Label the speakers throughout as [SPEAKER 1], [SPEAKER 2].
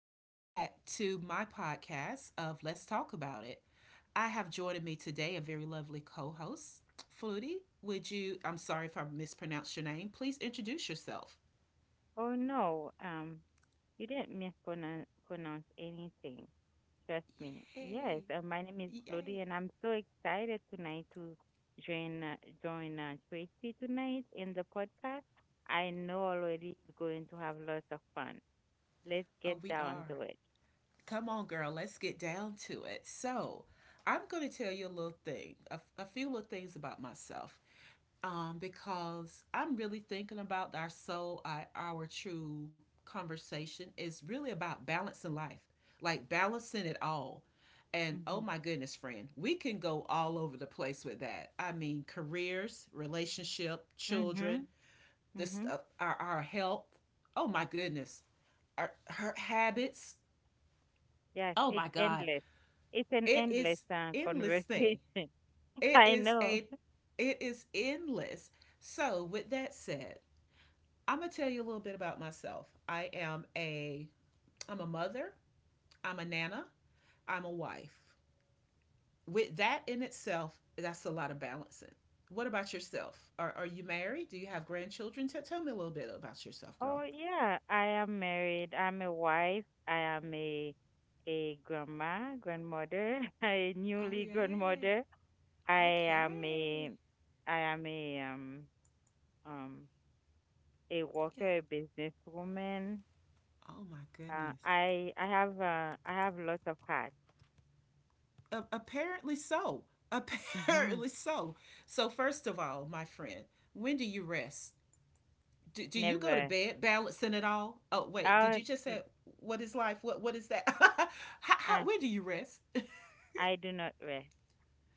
[SPEAKER 1] Welcome back to my podcast of Let's Talk About It. I have joining me today a very lovely co-host, Flutie. Would you I'm sorry if I mispronounced your name. Please introduce yourself.
[SPEAKER 2] Oh no, um, you didn't mispronounce anything. Trust me.
[SPEAKER 1] Yay.
[SPEAKER 2] Yes, my name is
[SPEAKER 1] Yay.
[SPEAKER 2] Flody, and I'm so excited tonight to join uh, join Tracy tonight in the podcast. I know already we're going to have lots of fun.
[SPEAKER 1] Oh,
[SPEAKER 2] Let's
[SPEAKER 1] we
[SPEAKER 2] get
[SPEAKER 1] are.
[SPEAKER 2] down to it.
[SPEAKER 1] Come on, girl. Let's get down to it. So, I'm going to tell you a little thing, a few little things about myself. Because I'm really thinking about our true conversation is really about balancing life, like balancing it all. And oh
[SPEAKER 2] Mhm.
[SPEAKER 1] my goodness, friend, we can go all over the place with that. I mean, careers, relationship, children,
[SPEAKER 2] Mhm.
[SPEAKER 1] this
[SPEAKER 2] Mhm.
[SPEAKER 1] our health. Oh my goodness, our her habits.
[SPEAKER 2] Yes,
[SPEAKER 1] Oh
[SPEAKER 2] it's
[SPEAKER 1] my God,
[SPEAKER 2] endless. It's an
[SPEAKER 1] it
[SPEAKER 2] endless
[SPEAKER 1] is
[SPEAKER 2] uh,
[SPEAKER 1] endless thing.
[SPEAKER 2] conversation.
[SPEAKER 1] It
[SPEAKER 2] I
[SPEAKER 1] is
[SPEAKER 2] know.
[SPEAKER 1] a, it is endless. So with that said, I'm gonna tell you a little bit about myself. I'm a mother, I'm a nana, I'm a wife. With that in itself, that's a lot of balancing. What about yourself? Are you married? Do you have grandchildren? Tell me a little bit about yourself,
[SPEAKER 2] Oh
[SPEAKER 1] girl.
[SPEAKER 2] yeah, I am married. I'm a wife. I am a grandmother, a
[SPEAKER 1] Oh,
[SPEAKER 2] newly
[SPEAKER 1] yay.
[SPEAKER 2] grandmother. I am
[SPEAKER 1] Okay.
[SPEAKER 2] a I am um a
[SPEAKER 1] Yeah.
[SPEAKER 2] worker, a businesswoman.
[SPEAKER 1] Oh, my
[SPEAKER 2] Uh,
[SPEAKER 1] goodness.
[SPEAKER 2] I I have I have lots of hats.
[SPEAKER 1] Apparently so.
[SPEAKER 2] hmm
[SPEAKER 1] Apparently so. So, first of all, my friend, when do you rest? Do you go to
[SPEAKER 2] Never.
[SPEAKER 1] bed balancing it all? Oh wait, did
[SPEAKER 2] Oh,
[SPEAKER 1] you just say what is life? What is that? how, how,
[SPEAKER 2] I
[SPEAKER 1] where do you rest?
[SPEAKER 2] I do not wear.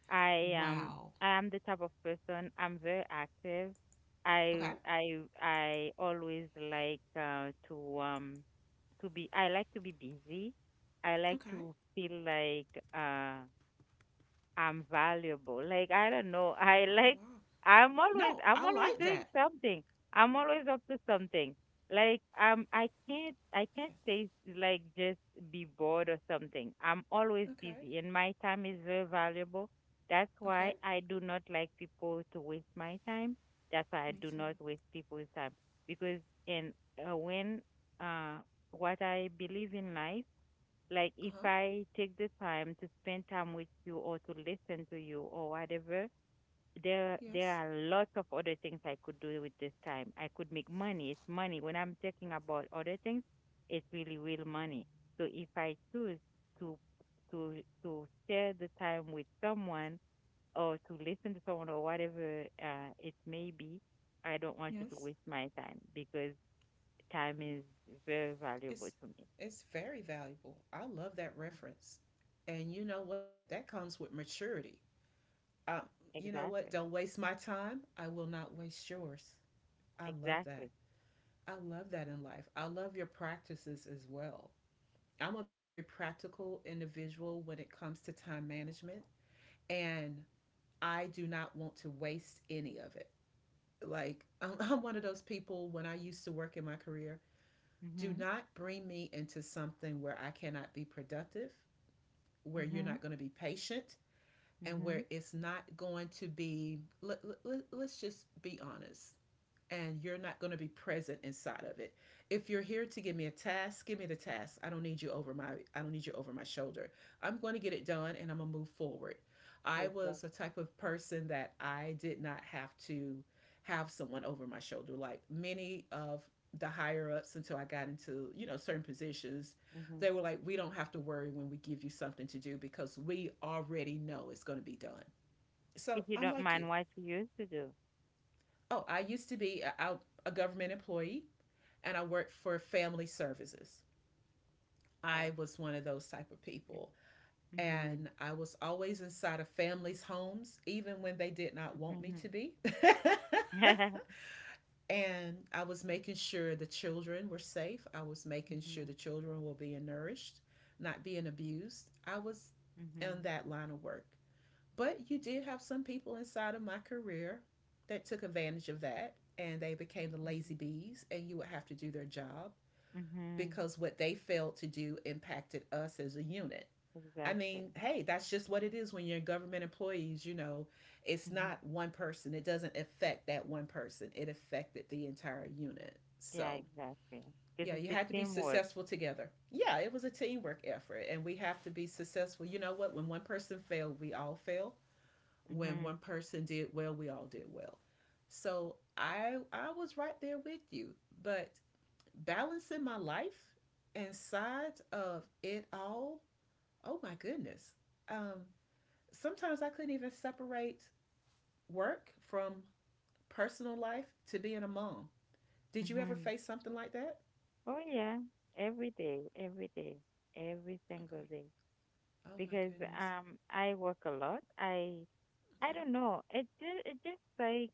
[SPEAKER 2] I
[SPEAKER 1] Wow.
[SPEAKER 2] I am the type of person. I'm very active. I
[SPEAKER 1] Okay.
[SPEAKER 2] I I always like to be I like to be busy. I like
[SPEAKER 1] Okay.
[SPEAKER 2] to feel like uh I'm valuable. Like I don't know.
[SPEAKER 1] Oh wow.
[SPEAKER 2] I'm always
[SPEAKER 1] No,
[SPEAKER 2] I'm
[SPEAKER 1] I
[SPEAKER 2] always
[SPEAKER 1] like
[SPEAKER 2] doing
[SPEAKER 1] that.
[SPEAKER 2] something. I'm always up to something. I can't say just be bored or something. I'm always
[SPEAKER 1] Okay.
[SPEAKER 2] busy and my time is very valuable. That's why
[SPEAKER 1] Okay.
[SPEAKER 2] I do not like people to waste my time. That's why I
[SPEAKER 1] Me
[SPEAKER 2] do
[SPEAKER 1] too.
[SPEAKER 2] not waste people's time because in when uh what I believe in life, like
[SPEAKER 1] Uh
[SPEAKER 2] if
[SPEAKER 1] huh.
[SPEAKER 2] I take the time to spend time with you or to listen to you or whatever, there
[SPEAKER 1] Yes.
[SPEAKER 2] are lots of other things I could do with this time. I could make money. It's money. When I'm talking about other things, it's really real money. So if I choose to share the time with someone or to listen to someone or whatever it may be, I don't want you to
[SPEAKER 1] Yes.
[SPEAKER 2] waste my time because time is very valuable
[SPEAKER 1] It's
[SPEAKER 2] to me.
[SPEAKER 1] it's very valuable. I love that
[SPEAKER 2] Mm.
[SPEAKER 1] reference. And you know what? That comes with maturity. Um, you know what?
[SPEAKER 2] Exactly.
[SPEAKER 1] Don't waste my time. I will not waste yours. I love
[SPEAKER 2] Exactly.
[SPEAKER 1] that. I love that in life. I love your practices as well. I'm a very practical individual when it comes to time management, and I do not want to waste any of it. Like, I'm one of those people when I used to work in my career, do
[SPEAKER 2] Mhm,
[SPEAKER 1] not bring me into something where I cannot be productive, where you're
[SPEAKER 2] mhm,
[SPEAKER 1] not going to be patient, and
[SPEAKER 2] mhm.
[SPEAKER 1] where it's not going to be, let's just be honest, and you're not going to be present inside of it. If you're here to give me a task, give me the task. I don't need you over my shoulder. I'm going to get it done and I'm going to move forward. I was a
[SPEAKER 2] Exactly.
[SPEAKER 1] type of person that I did not have to have someone over my shoulder like many of the higher ups until I got into, you know, certain positions.
[SPEAKER 2] Mhm.
[SPEAKER 1] They were like, "We don't have to worry when we give you something to do because we already know it's going to be done." So,
[SPEAKER 2] If you
[SPEAKER 1] I'm
[SPEAKER 2] don't
[SPEAKER 1] like
[SPEAKER 2] mind,
[SPEAKER 1] you.
[SPEAKER 2] what you used to do.
[SPEAKER 1] Oh, I used to be a government employee and I worked for family services. I
[SPEAKER 2] Okay.
[SPEAKER 1] was one of those type of people.
[SPEAKER 2] Mhm,
[SPEAKER 1] And I was always inside of families' homes, even when they did not want me
[SPEAKER 2] mhm,
[SPEAKER 1] to be. And I was making sure the children were safe. I was making
[SPEAKER 2] mhm,
[SPEAKER 1] sure the
[SPEAKER 2] mhm,
[SPEAKER 1] children were being nourished, not being abused. I was in
[SPEAKER 2] mhm,
[SPEAKER 1] that line of work. But you did have some people inside of my career that took advantage of that and they became the lazy bees, and you would have to do their job
[SPEAKER 2] mhm,
[SPEAKER 1] because what they failed to do impacted us as a unit. I
[SPEAKER 2] exactly,
[SPEAKER 1] mean, hey, that's just what it is when you're government employees, you know, it's
[SPEAKER 2] mhm,
[SPEAKER 1] not one person. It doesn't affect that one person. It affected the entire unit.
[SPEAKER 2] yeah,
[SPEAKER 1] So,
[SPEAKER 2] exactly. Because
[SPEAKER 1] yeah, you
[SPEAKER 2] it's a
[SPEAKER 1] had to be
[SPEAKER 2] teamwork.
[SPEAKER 1] successful together. Yeah, it was a teamwork effort and we have to be successful. You know what? When one person failed, we all fail. When
[SPEAKER 2] Mhm,
[SPEAKER 1] one person did well, we all did well. So, I was right there with you, but balancing my life inside of it all, oh my goodness. Um, Sometimes I couldn't even separate work from personal life to being a mom. Did you ever
[SPEAKER 2] mhm.
[SPEAKER 1] face something like that?
[SPEAKER 2] Oh yeah, every day, every day, every
[SPEAKER 1] Okay.
[SPEAKER 2] single day.
[SPEAKER 1] Oh my
[SPEAKER 2] Because
[SPEAKER 1] goodness.
[SPEAKER 2] I work a lot. I
[SPEAKER 1] Okay.
[SPEAKER 2] don't know. It just like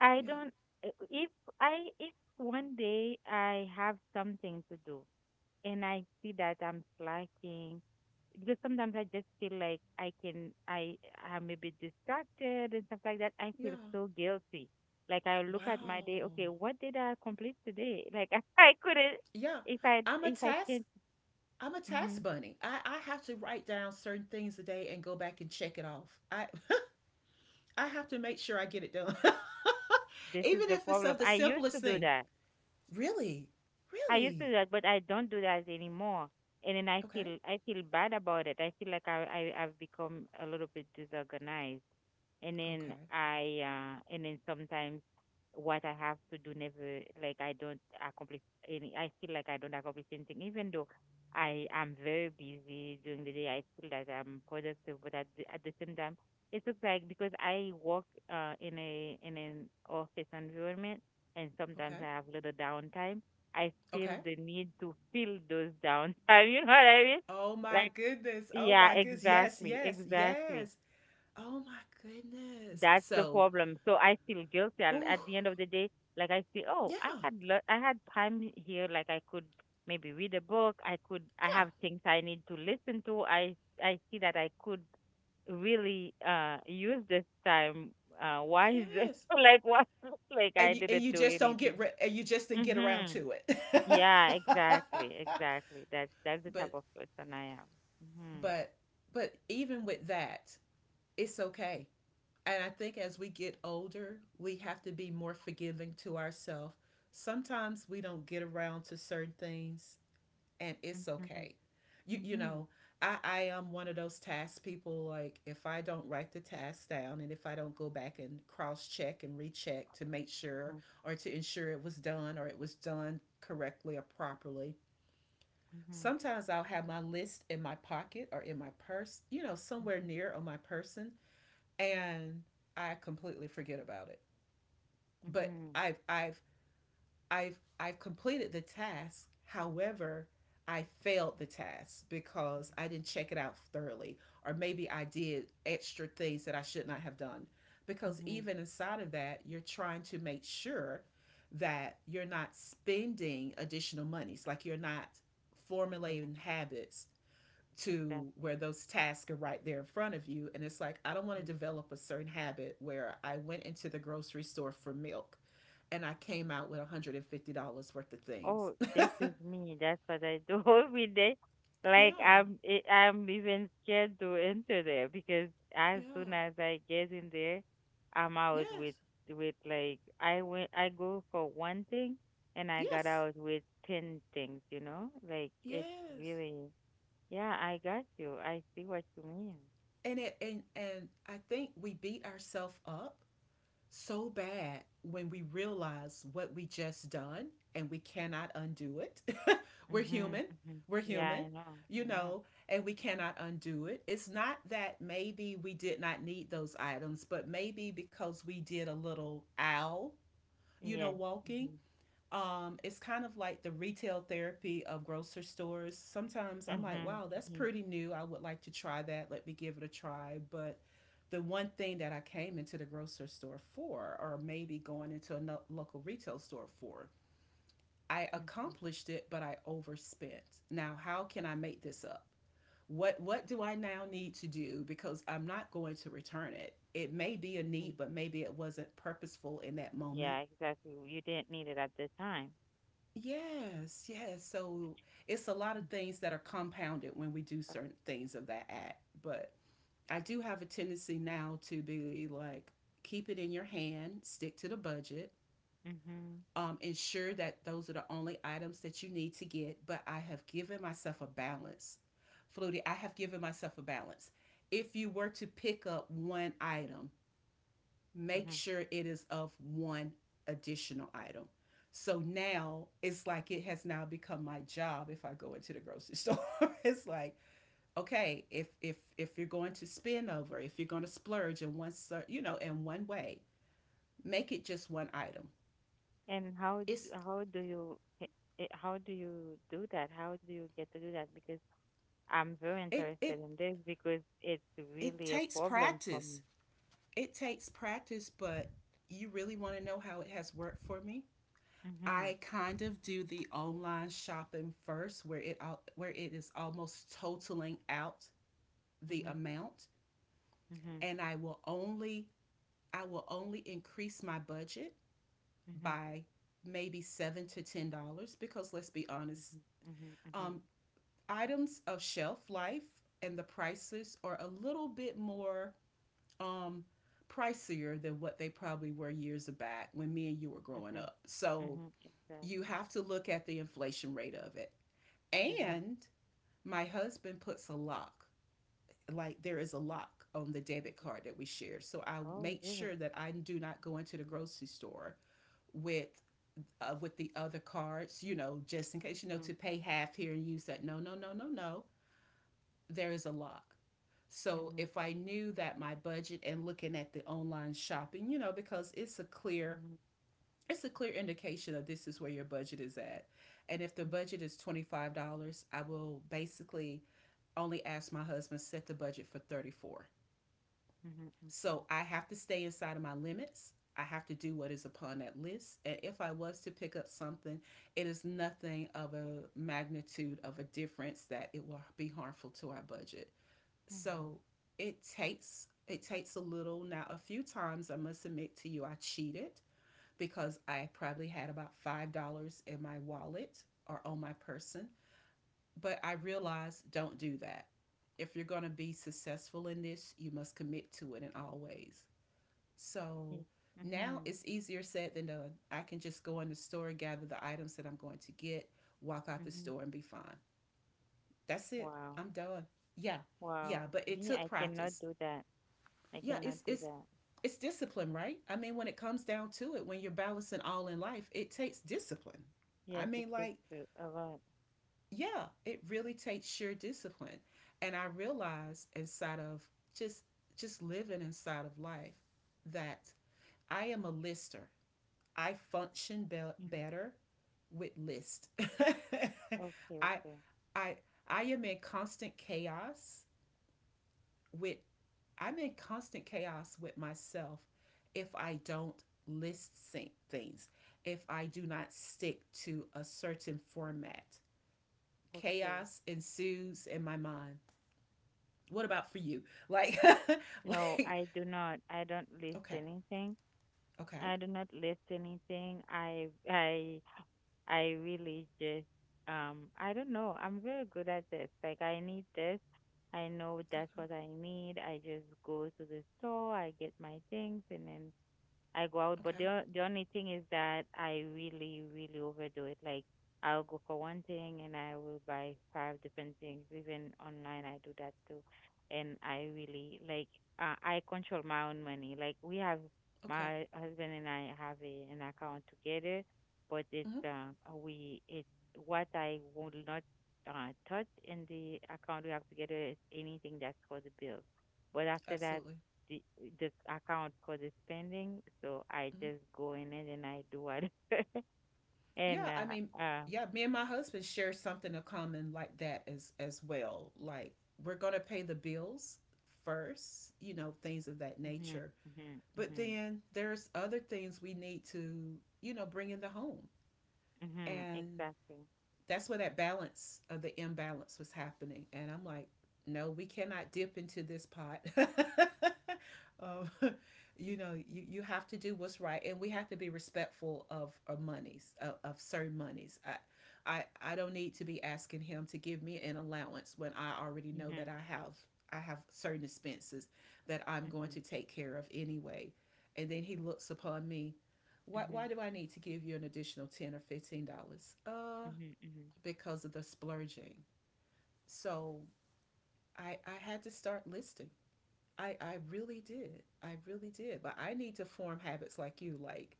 [SPEAKER 2] I
[SPEAKER 1] Yeah.
[SPEAKER 2] don't I- if I if one day I have something to do and I see that I'm slacking because sometimes I just feel like I can I I'm a bit distracted and stuff like that. I feel
[SPEAKER 1] Yeah.
[SPEAKER 2] so guilty. Like I look at my day,
[SPEAKER 1] Wow.
[SPEAKER 2] okay, what did I complete today? Like I couldn't.
[SPEAKER 1] Yeah. I'm a
[SPEAKER 2] If I
[SPEAKER 1] task
[SPEAKER 2] can't
[SPEAKER 1] I'm a
[SPEAKER 2] hmm
[SPEAKER 1] task bunny. I have to write down certain things a day and go back and check it off. I I have to make sure I get it done.
[SPEAKER 2] This is
[SPEAKER 1] Even
[SPEAKER 2] the
[SPEAKER 1] if it's
[SPEAKER 2] problem.
[SPEAKER 1] of the
[SPEAKER 2] I used to
[SPEAKER 1] simplest
[SPEAKER 2] do
[SPEAKER 1] thing.
[SPEAKER 2] that.
[SPEAKER 1] Really?
[SPEAKER 2] I used to
[SPEAKER 1] Really?
[SPEAKER 2] do that, but I don't do that anymore. And then
[SPEAKER 1] Okay.
[SPEAKER 2] I feel bad about it. I feel like I've become a little bit disorganized and then
[SPEAKER 1] Okay.
[SPEAKER 2] I and then sometimes what I have to do, never like I don't accomplish any I feel like I don't accomplish anything, even though I am very busy during the day. I feel that I'm productive, but at at the same time, it looks like because I work in an office environment and sometimes I
[SPEAKER 1] Okay.
[SPEAKER 2] have little downtime, I feel
[SPEAKER 1] Okay.
[SPEAKER 2] the need to fill those downtime. You know what I mean?
[SPEAKER 1] Oh my
[SPEAKER 2] like
[SPEAKER 1] goodness. Oh
[SPEAKER 2] yeah
[SPEAKER 1] my goodness. Yes,
[SPEAKER 2] exactly
[SPEAKER 1] yes,
[SPEAKER 2] exactly
[SPEAKER 1] yes. Oh my goodness.
[SPEAKER 2] That's the
[SPEAKER 1] So,
[SPEAKER 2] problem. So I feel guilty
[SPEAKER 1] oh,
[SPEAKER 2] at the end of the day. Like I say, oh, I
[SPEAKER 1] yeah.
[SPEAKER 2] had le- I had time here. Like I could maybe read a book. I could I
[SPEAKER 1] Yeah.
[SPEAKER 2] have things I need to listen to. I see that I could really use this time wisely.
[SPEAKER 1] Yes.
[SPEAKER 2] Like what? Like I
[SPEAKER 1] And you, and
[SPEAKER 2] didn't
[SPEAKER 1] you
[SPEAKER 2] do
[SPEAKER 1] just don't get
[SPEAKER 2] anything.
[SPEAKER 1] re- and you just didn't get around
[SPEAKER 2] Mm-hmm.
[SPEAKER 1] to it.
[SPEAKER 2] Yeah, exactly. That's the type
[SPEAKER 1] but
[SPEAKER 2] of person I am. Mm-hmm.
[SPEAKER 1] but but even with that, it's okay. And I think as we get older, we have to be more forgiving to ourselves. Sometimes we don't get around to certain things, and it's
[SPEAKER 2] Mm-hmm.
[SPEAKER 1] okay. You
[SPEAKER 2] Mm-hmm.
[SPEAKER 1] know, I am one of those task people. Like if I don't write the task down, and if I don't go back and cross check and recheck to make sure
[SPEAKER 2] Mm-hmm.
[SPEAKER 1] or to ensure it was done or it was done correctly or properly.
[SPEAKER 2] Mm-hmm.
[SPEAKER 1] Sometimes I'll have my list in my pocket or in my purse, you know, somewhere
[SPEAKER 2] Mm-hmm.
[SPEAKER 1] near on my person and I completely forget about it. But
[SPEAKER 2] Mm-hmm.
[SPEAKER 1] I've completed the task. However, I failed the task because
[SPEAKER 2] Mm-hmm.
[SPEAKER 1] I didn't check it out thoroughly or maybe I did extra things that I should not have done. Because
[SPEAKER 2] Mhm.
[SPEAKER 1] even inside of that, you're trying to make sure that you're not spending additional monies, like you're not
[SPEAKER 2] Yeah,
[SPEAKER 1] formulating habits to
[SPEAKER 2] exactly.
[SPEAKER 1] where those tasks are right there in front of you. And it's like, I don't want to
[SPEAKER 2] Mhm.
[SPEAKER 1] develop a certain habit where I went into the grocery store for milk and I came out with $150 worth of things.
[SPEAKER 2] Oh, this is me. That's what I do every day. Like
[SPEAKER 1] Yeah,
[SPEAKER 2] I'm even scared to enter there, because as soon
[SPEAKER 1] yeah,
[SPEAKER 2] as I get in there, I'm out with.
[SPEAKER 1] yes,
[SPEAKER 2] With like I went, I go for one thing and I got
[SPEAKER 1] yes,
[SPEAKER 2] out with ten things. You know, like it's
[SPEAKER 1] yes.
[SPEAKER 2] really. Yeah, I got you. I see what you mean.
[SPEAKER 1] And it and I think we beat ourselves up so bad when we realize what we just done and we cannot undo it. We're
[SPEAKER 2] Mhm.
[SPEAKER 1] human.
[SPEAKER 2] Mhm.
[SPEAKER 1] We're
[SPEAKER 2] Yeah,
[SPEAKER 1] human,
[SPEAKER 2] I know.
[SPEAKER 1] you
[SPEAKER 2] I know.
[SPEAKER 1] know, and we cannot undo it. It's not that maybe we did not need those items, but maybe because we did a little owl, you know,
[SPEAKER 2] Yes.
[SPEAKER 1] walking,
[SPEAKER 2] Mhm.
[SPEAKER 1] it's kind of like the retail therapy of grocery stores. Sometimes I'm like,
[SPEAKER 2] Mhm.
[SPEAKER 1] wow, that's
[SPEAKER 2] Mhm.
[SPEAKER 1] pretty new. I would like to try that. Let me give it a try. But the one thing that I came into the grocery store for, or maybe going into a local retail store for, I
[SPEAKER 2] Mhm.
[SPEAKER 1] accomplished it, but I overspent. Now, how can I make this up? What do I now need to do because I'm not going to return it. It may be a need,
[SPEAKER 2] Mhm.
[SPEAKER 1] but maybe it wasn't purposeful in that moment.
[SPEAKER 2] Yeah, exactly. You didn't need it at the time.
[SPEAKER 1] Yes, yes. So it's a lot of things that are compounded when we do
[SPEAKER 2] Uh,
[SPEAKER 1] certain things of that act. But I do have a tendency now to be like, keep it in your hand, stick to the budget,
[SPEAKER 2] Mm-hmm.
[SPEAKER 1] ensure that those are the only items that you need to get. But I have given myself a balance. Flutie, I have given myself a balance. If you were to pick up one item, make
[SPEAKER 2] Mm-hmm.
[SPEAKER 1] sure it is of one additional item. So now it's like it has now become my job if I go into the grocery store. It's like, okay, if you're going to spin over, if you're going to splurge in one you know, in one way, make it just one item.
[SPEAKER 2] And how
[SPEAKER 1] It's
[SPEAKER 2] d- how do you h- eh, How do you do that? How do you get to do that? Because I'm very
[SPEAKER 1] it it
[SPEAKER 2] interested in this because it's
[SPEAKER 1] it
[SPEAKER 2] really a
[SPEAKER 1] takes
[SPEAKER 2] problem for
[SPEAKER 1] practice.
[SPEAKER 2] me.
[SPEAKER 1] It takes practice, but you really want to know how it has worked for me?
[SPEAKER 2] Mm-hmm.
[SPEAKER 1] I kind of do the online shopping first where it is almost totaling out the
[SPEAKER 2] Mm-hmm.
[SPEAKER 1] amount
[SPEAKER 2] Mm-hmm.
[SPEAKER 1] and I will only increase my budget
[SPEAKER 2] Mm-hmm.
[SPEAKER 1] by maybe 7 to $10 because let's be honest,
[SPEAKER 2] Mm-hmm. Mm-hmm.
[SPEAKER 1] um items of shelf life and the prices are a little bit more um pricier than what they probably were years back when me and you were growing
[SPEAKER 2] Mm-hmm.
[SPEAKER 1] up. So
[SPEAKER 2] Mm-hmm.
[SPEAKER 1] you
[SPEAKER 2] Exactly.
[SPEAKER 1] have to look at the inflation rate of it.
[SPEAKER 2] Mm-hmm.
[SPEAKER 1] And my husband puts a lock, like there is a lock on the debit card that we share. So I
[SPEAKER 2] Oh,
[SPEAKER 1] make
[SPEAKER 2] really?
[SPEAKER 1] sure that I do not go into the grocery store with with the other cards, you know, just in case, you know,
[SPEAKER 2] Mm-hmm.
[SPEAKER 1] to pay half here and use that. No, no, no, no, no. There is a lock. So
[SPEAKER 2] Mm-hmm.
[SPEAKER 1] if I knew that my budget and looking at the online shopping, you know, because it's a clear
[SPEAKER 2] Mm-hmm.
[SPEAKER 1] it's a clear indication of this is where your budget is at. And if the budget is $25, I will basically only ask my husband to set the budget for $34.
[SPEAKER 2] Mm-hmm.
[SPEAKER 1] So I have to stay inside of my limits. I have to do what is upon that list. And if I was to pick up something, it is nothing of a magnitude of a difference that it will be harmful to our budget.
[SPEAKER 2] Mm-hmm. Okay. Wow.
[SPEAKER 1] So it takes a little. Now a few times, I must admit to you, I cheated because I probably had about $5 in my wallet or on my person. But I realized, don't do that. If you're going to be successful in this, you must commit to it in all ways.
[SPEAKER 2] Yeah.
[SPEAKER 1] So now
[SPEAKER 2] Mm-hmm.
[SPEAKER 1] it's easier said than done. I can just go in the store, gather the items that I'm going to get, walk out the
[SPEAKER 2] Mm-hmm.
[SPEAKER 1] store, and be fine. That's it.
[SPEAKER 2] Wow.
[SPEAKER 1] I'm done. Yeah, yeah.
[SPEAKER 2] Wow.
[SPEAKER 1] But it
[SPEAKER 2] Me,
[SPEAKER 1] took
[SPEAKER 2] I
[SPEAKER 1] practice.
[SPEAKER 2] cannot do that. I
[SPEAKER 1] Yeah, it's
[SPEAKER 2] cannot do
[SPEAKER 1] it's
[SPEAKER 2] that.
[SPEAKER 1] it's discipline, right? I mean, when it comes down to it, when you're balancing all in life, it takes discipline. I
[SPEAKER 2] Yes,
[SPEAKER 1] mean,
[SPEAKER 2] it takes
[SPEAKER 1] like,
[SPEAKER 2] a lot.
[SPEAKER 1] yeah, it really takes sheer discipline. And I realize inside of just just living inside of life that I am a lister. I function be-
[SPEAKER 2] Mhm.
[SPEAKER 1] Better with list.
[SPEAKER 2] Okay,
[SPEAKER 1] I
[SPEAKER 2] okay,
[SPEAKER 1] I I am in constant chaos with— I'm in constant chaos with myself if I don't things, if I do not stick to a certain format.
[SPEAKER 2] okay.
[SPEAKER 1] Chaos ensues in my mind. What about for you? Like,
[SPEAKER 2] No,
[SPEAKER 1] like,
[SPEAKER 2] I do not. I don't list
[SPEAKER 1] okay.
[SPEAKER 2] anything.
[SPEAKER 1] Okay.
[SPEAKER 2] I do not list anything. I really just, I don't know. I'm very good at this. Like, I need this. I know that's
[SPEAKER 1] Okay.
[SPEAKER 2] what I need. I just go to the store, I get my things, and then I go out, but
[SPEAKER 1] Okay.
[SPEAKER 2] the only thing is that I really, really overdo it. Like I'll go for one thing and I will buy five different things. Even online, I do that too. And I really like I control my own money. Like we have
[SPEAKER 1] Okay.
[SPEAKER 2] my husband and I have a, an account together, but it's
[SPEAKER 1] Hmm.
[SPEAKER 2] we it's what I will not touch in the account we have together is anything that's for the bill. But after that,
[SPEAKER 1] Absolutely.
[SPEAKER 2] the the account cause it's pending, so I
[SPEAKER 1] Hmm.
[SPEAKER 2] just go in it and I do what.
[SPEAKER 1] Yeah,
[SPEAKER 2] and
[SPEAKER 1] I mean,
[SPEAKER 2] uh
[SPEAKER 1] yeah, me and my husband share something in common like that as well. Like, we're gonna pay the bills first, things of that
[SPEAKER 2] mhm,
[SPEAKER 1] nature.
[SPEAKER 2] mhm,
[SPEAKER 1] But
[SPEAKER 2] mhm,
[SPEAKER 1] then there's other things we need to, bring in the home.
[SPEAKER 2] mhm,
[SPEAKER 1] And
[SPEAKER 2] exactly,
[SPEAKER 1] that's where that balance of the imbalance was happening. And I'm like, no, we cannot dip into this pot. um, you know, you have to do what's right, and we have to be respectful of our monies, of certain monies. I, I, I don't need to be asking him to give me an allowance when I already know that
[SPEAKER 2] mhm,
[SPEAKER 1] I have certain expenses that I'm going to
[SPEAKER 2] mhm,
[SPEAKER 1] take care of anyway. And then he looks upon me.
[SPEAKER 2] mhm,
[SPEAKER 1] Why do I need to give you an additional $10 or $15?
[SPEAKER 2] mhm, mhm.
[SPEAKER 1] Because of the splurging. So I had to start listing. I really did. I really did. But I need to form habits like you, like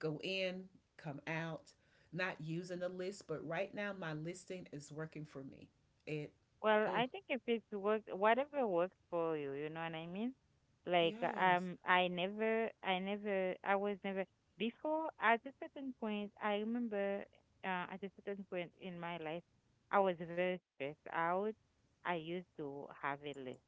[SPEAKER 1] go in, come out, not using a list. But right now, my listing is working for me. It—
[SPEAKER 2] Well,
[SPEAKER 1] oh,
[SPEAKER 2] I think if it works, whatever works for you, you know what I mean? Like,
[SPEAKER 1] yes.
[SPEAKER 2] I was never, before, at a certain point, I remember, at a certain point in my life, I was very stressed out. I used to have a list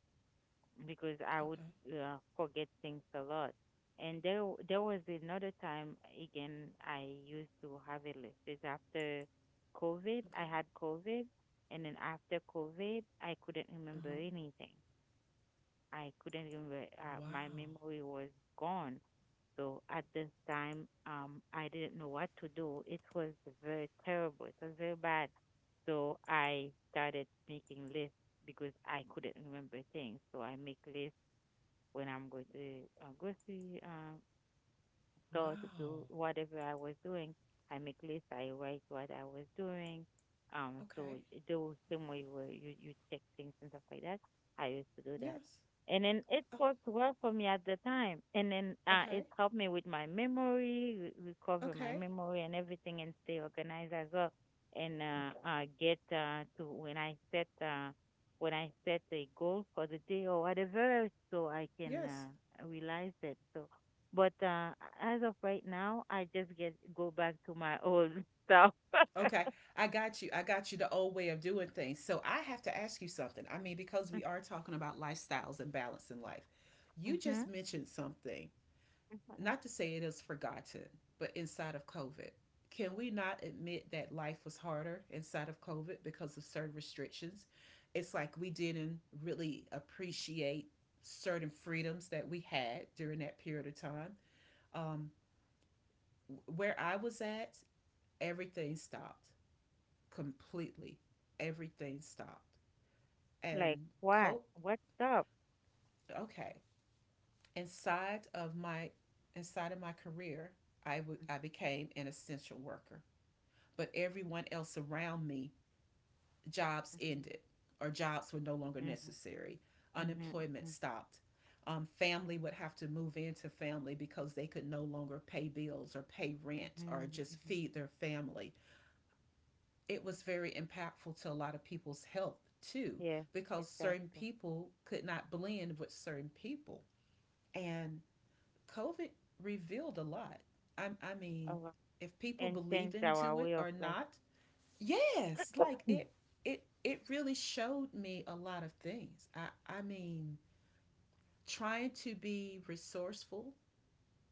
[SPEAKER 2] because I would
[SPEAKER 1] Okay.
[SPEAKER 2] forget things a lot. And there was another time again I used to have a list. It's after COVID. I
[SPEAKER 1] Okay.
[SPEAKER 2] had COVID, and then after COVID, I couldn't
[SPEAKER 1] Uh
[SPEAKER 2] remember
[SPEAKER 1] huh.
[SPEAKER 2] anything. I couldn't remember. My
[SPEAKER 1] Wow.
[SPEAKER 2] memory was gone. So at this time, I didn't know what to do. It was very terrible. It was very bad. So I started making lists because I couldn't remember things. So I make lists when I'm going to with uh, go to do
[SPEAKER 1] Wow.
[SPEAKER 2] whatever I was doing. I make lists, I write what I was doing. So
[SPEAKER 1] Okay.
[SPEAKER 2] the same way where you check things and stuff like that. I used to do that.
[SPEAKER 1] Yes.
[SPEAKER 2] And then it
[SPEAKER 1] Oh,
[SPEAKER 2] worked well for me at the time. And then it
[SPEAKER 1] okay.
[SPEAKER 2] helped me with my memory, recover my
[SPEAKER 1] Okay.
[SPEAKER 2] memory and everything, and stay organized as well. And get to when I set a goal for the day or whatever, so I can
[SPEAKER 1] Yes.
[SPEAKER 2] realize it. So but as of right now, I just get go back to my old self.
[SPEAKER 1] Okay, I got you. I got you, the old way of doing things. So I have to ask you something. I mean, because we are talking about lifestyles and balance in life, you
[SPEAKER 2] hmm
[SPEAKER 1] just mentioned something, not to say it is forgotten, but inside of COVID. Can we not admit that life was harder inside of COVID because of certain restrictions? It's like we didn't really appreciate certain freedoms that we had during that period of time. Um, where I was at, everything stopped completely. Everything stopped.
[SPEAKER 2] Like
[SPEAKER 1] And
[SPEAKER 2] what?
[SPEAKER 1] cope,
[SPEAKER 2] What's up?
[SPEAKER 1] okay. Inside of my Inside of my career, I became an essential worker. But everyone else around me, jobs
[SPEAKER 2] Mm-hmm.
[SPEAKER 1] ended or jobs were no longer
[SPEAKER 2] Mm-hmm.
[SPEAKER 1] necessary. Unemployment
[SPEAKER 2] Mm-hmm.
[SPEAKER 1] stopped. Family would have to move into family because they could no longer pay bills or pay rent
[SPEAKER 2] Mm-hmm.
[SPEAKER 1] or
[SPEAKER 2] Mm-hmm.
[SPEAKER 1] just
[SPEAKER 2] Mm-hmm.
[SPEAKER 1] feed their family. It was very impactful to a lot of people's health too,
[SPEAKER 2] Yes,
[SPEAKER 1] because certain
[SPEAKER 2] exactly.
[SPEAKER 1] people could not blend with certain people. And COVID revealed a lot. I mean,
[SPEAKER 2] Uh,
[SPEAKER 1] if people
[SPEAKER 2] and
[SPEAKER 1] believed
[SPEAKER 2] changed
[SPEAKER 1] into
[SPEAKER 2] our
[SPEAKER 1] it
[SPEAKER 2] way of
[SPEAKER 1] or
[SPEAKER 2] life.
[SPEAKER 1] not, yes, it, it really showed me a lot of things. I mean, trying to be resourceful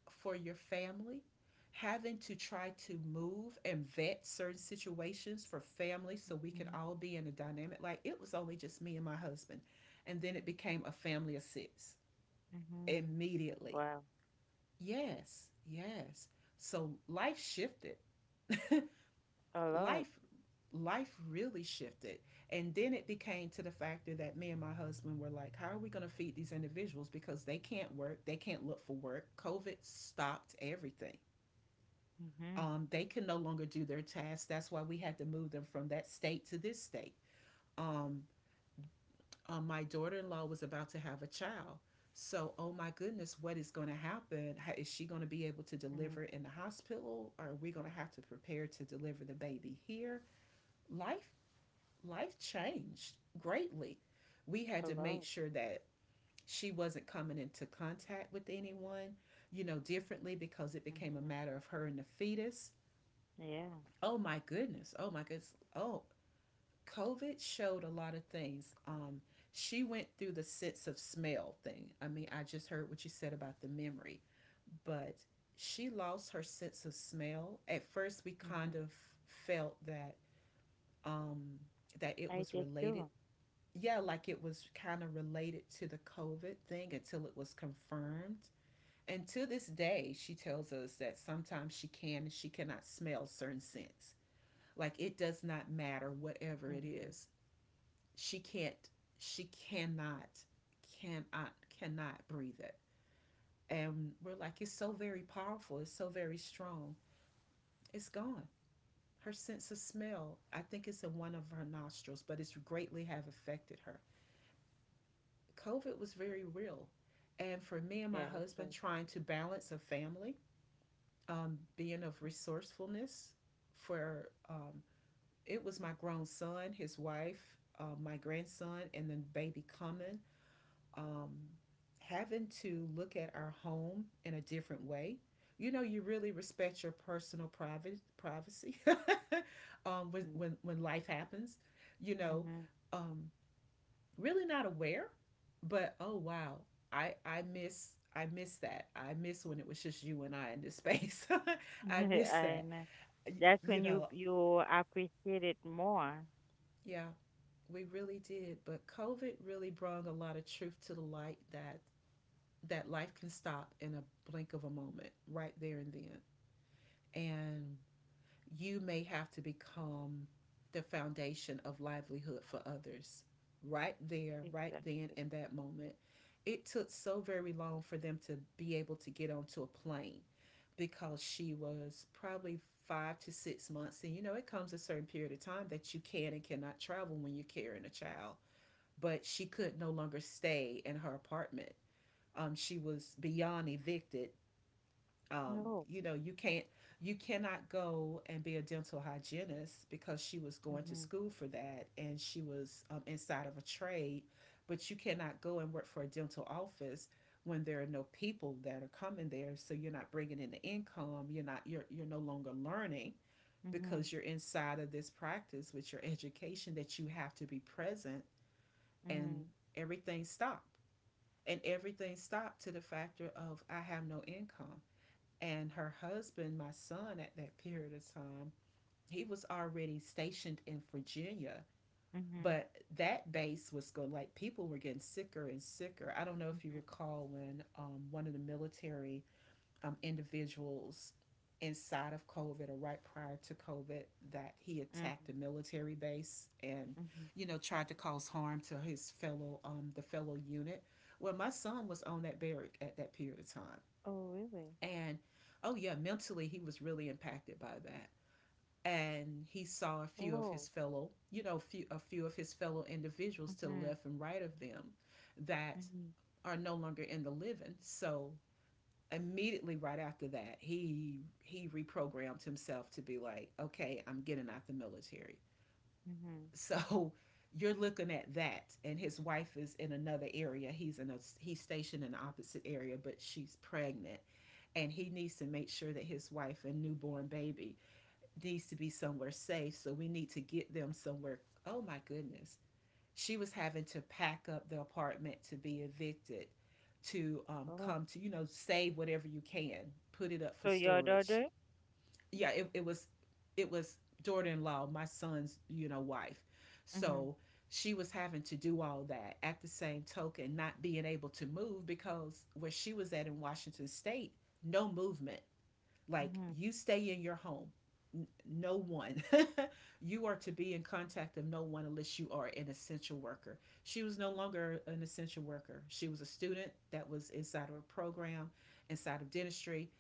[SPEAKER 1] for your family, having to try to move and vet certain situations for family so we can
[SPEAKER 2] Mm-hmm.
[SPEAKER 1] all be in a dynamic. Like it was only just me and my husband, and then it became a family of six
[SPEAKER 2] Mm-hmm.
[SPEAKER 1] immediately.
[SPEAKER 2] Wow,
[SPEAKER 1] Yes, yes. So life shifted.
[SPEAKER 2] a lot.
[SPEAKER 1] Life Life really shifted. And then it became to the factor that me and my husband were like, how are we going to feed these individuals because they can't work, they can't look for work. COVID stopped everything.
[SPEAKER 2] Mm-hmm.
[SPEAKER 1] They can no longer do their tasks. That's why we had to move them from that state to this state. Um, my daughter-in-law was about to have a child. So, oh my goodness, what is going to happen? How, is she going to be able to
[SPEAKER 2] Mm-hmm.
[SPEAKER 1] deliver in the hospital? Or are we going to have to prepare to deliver the baby here? Life Life changed greatly. We
[SPEAKER 2] A
[SPEAKER 1] had to make
[SPEAKER 2] lot.
[SPEAKER 1] sure that she wasn't coming into contact with anyone, you know, differently, because it became a
[SPEAKER 2] Mm-hmm.
[SPEAKER 1] matter of her and the fetus.
[SPEAKER 2] Yeah.
[SPEAKER 1] Oh my goodness. Oh my goodness. Oh, COVID showed a lot of things. She went through the sense of smell thing. I mean, I just heard what you said about the memory, but she lost her sense of smell. At first, we
[SPEAKER 2] Mm-hmm.
[SPEAKER 1] kind of felt that um, that it
[SPEAKER 2] I
[SPEAKER 1] was
[SPEAKER 2] did
[SPEAKER 1] related.
[SPEAKER 2] too.
[SPEAKER 1] Yeah, like it was kind of related to the COVID thing until it was confirmed. And to this day, she tells us that sometimes she can and she cannot smell certain scents. Like it does not matter whatever it
[SPEAKER 2] Mm-hmm.
[SPEAKER 1] is. She can't she cannot cannot cannot breathe it. And we're like, it's so very powerful, it's so very strong. It's gone. Her sense of smell, I think it's in one of her nostrils, but it's greatly have affected her. COVID was very real. And for me and my
[SPEAKER 2] Yeah,
[SPEAKER 1] husband
[SPEAKER 2] so.
[SPEAKER 1] trying to balance a family, being of resourcefulness for it was my grown son, his wife, my grandson, and then baby coming. Um, Having to look at our home in a different way. You know, you really respect your personal private privacy. When, when life happens. You know,
[SPEAKER 2] Mm-hmm.
[SPEAKER 1] um, really not aware, but oh wow, I miss that. I miss when it was just you and I in this space. I miss
[SPEAKER 2] I
[SPEAKER 1] that.
[SPEAKER 2] know. That's
[SPEAKER 1] You
[SPEAKER 2] when you
[SPEAKER 1] know,
[SPEAKER 2] appreciate it more.
[SPEAKER 1] yeah. We really did, but COVID really brought a lot of truth to the light that life can stop in a blink of a moment, right there and then. And you may have to become the foundation of livelihood for others right there, right then
[SPEAKER 2] Exactly.
[SPEAKER 1] in that moment. It took so very long for them to be able to get onto a plane because she was probably 5 to 6 months. And you know, it comes a certain period of time that you can and cannot travel when you're carrying a child, but she could no longer stay in her apartment. She was beyond evicted.
[SPEAKER 2] No. Oh.
[SPEAKER 1] You know, you can't, you cannot go and be a dental hygienist because she was going to
[SPEAKER 2] Mhm.
[SPEAKER 1] school for that and she was inside of a trade, but you cannot go and work for a dental office when there are no people that are coming there, so you're not bringing in the income, you're no longer learning
[SPEAKER 2] Mhm.
[SPEAKER 1] because you're inside of this practice with your education that you have to be present and everything stopped. And everything stopped to the factor of I have no income. And her husband, my son, at that period of time, he was already stationed in Virginia,
[SPEAKER 2] Mhm.
[SPEAKER 1] but that base was going, like people were getting sicker and sicker. I don't know if you
[SPEAKER 2] Mhm.
[SPEAKER 1] recall when one of the military individuals inside of COVID or right prior to COVID that he
[SPEAKER 2] Mhm.
[SPEAKER 1] attacked a military base and,
[SPEAKER 2] Mhm.
[SPEAKER 1] you know, tried to cause harm to his fellow, the fellow unit. Well, my son was on that barrack at that period of time,
[SPEAKER 2] Oh, really?
[SPEAKER 1] and oh yeah, mentally he was really impacted by that. And he saw a few of his
[SPEAKER 2] Oh.
[SPEAKER 1] fellow, you know, a few of his fellow individuals to the
[SPEAKER 2] Mhm.
[SPEAKER 1] left and right of them that
[SPEAKER 2] Mhm.
[SPEAKER 1] are no longer in the living. So immediately right after that, he reprogrammed himself to be like, okay, I'm getting out the military.
[SPEAKER 2] Mhm.
[SPEAKER 1] So you're looking at that, and his wife is in another area. He's stationed in the opposite area, but she's pregnant, and he needs to make sure that his wife and newborn baby needs to be somewhere safe. So we need to get them somewhere. Oh my goodness, she was having to pack up the apartment to be evicted, to
[SPEAKER 2] Oh.
[SPEAKER 1] come to, you know, save whatever you can, put it up for
[SPEAKER 2] So your
[SPEAKER 1] storage.
[SPEAKER 2] daughter?
[SPEAKER 1] Yeah, it was— it was daughter-in-law, my son's, you know, wife.
[SPEAKER 2] Mhm.
[SPEAKER 1] So she was having to do all that at the same token, not being able to move because where she was at in Washington state, no movement, like
[SPEAKER 2] Mhm.
[SPEAKER 1] you stay in your home. No one. You are to be in contact of no one unless you are an essential worker. She was no longer an essential worker. She was a student that was inside of a program, inside of dentistry,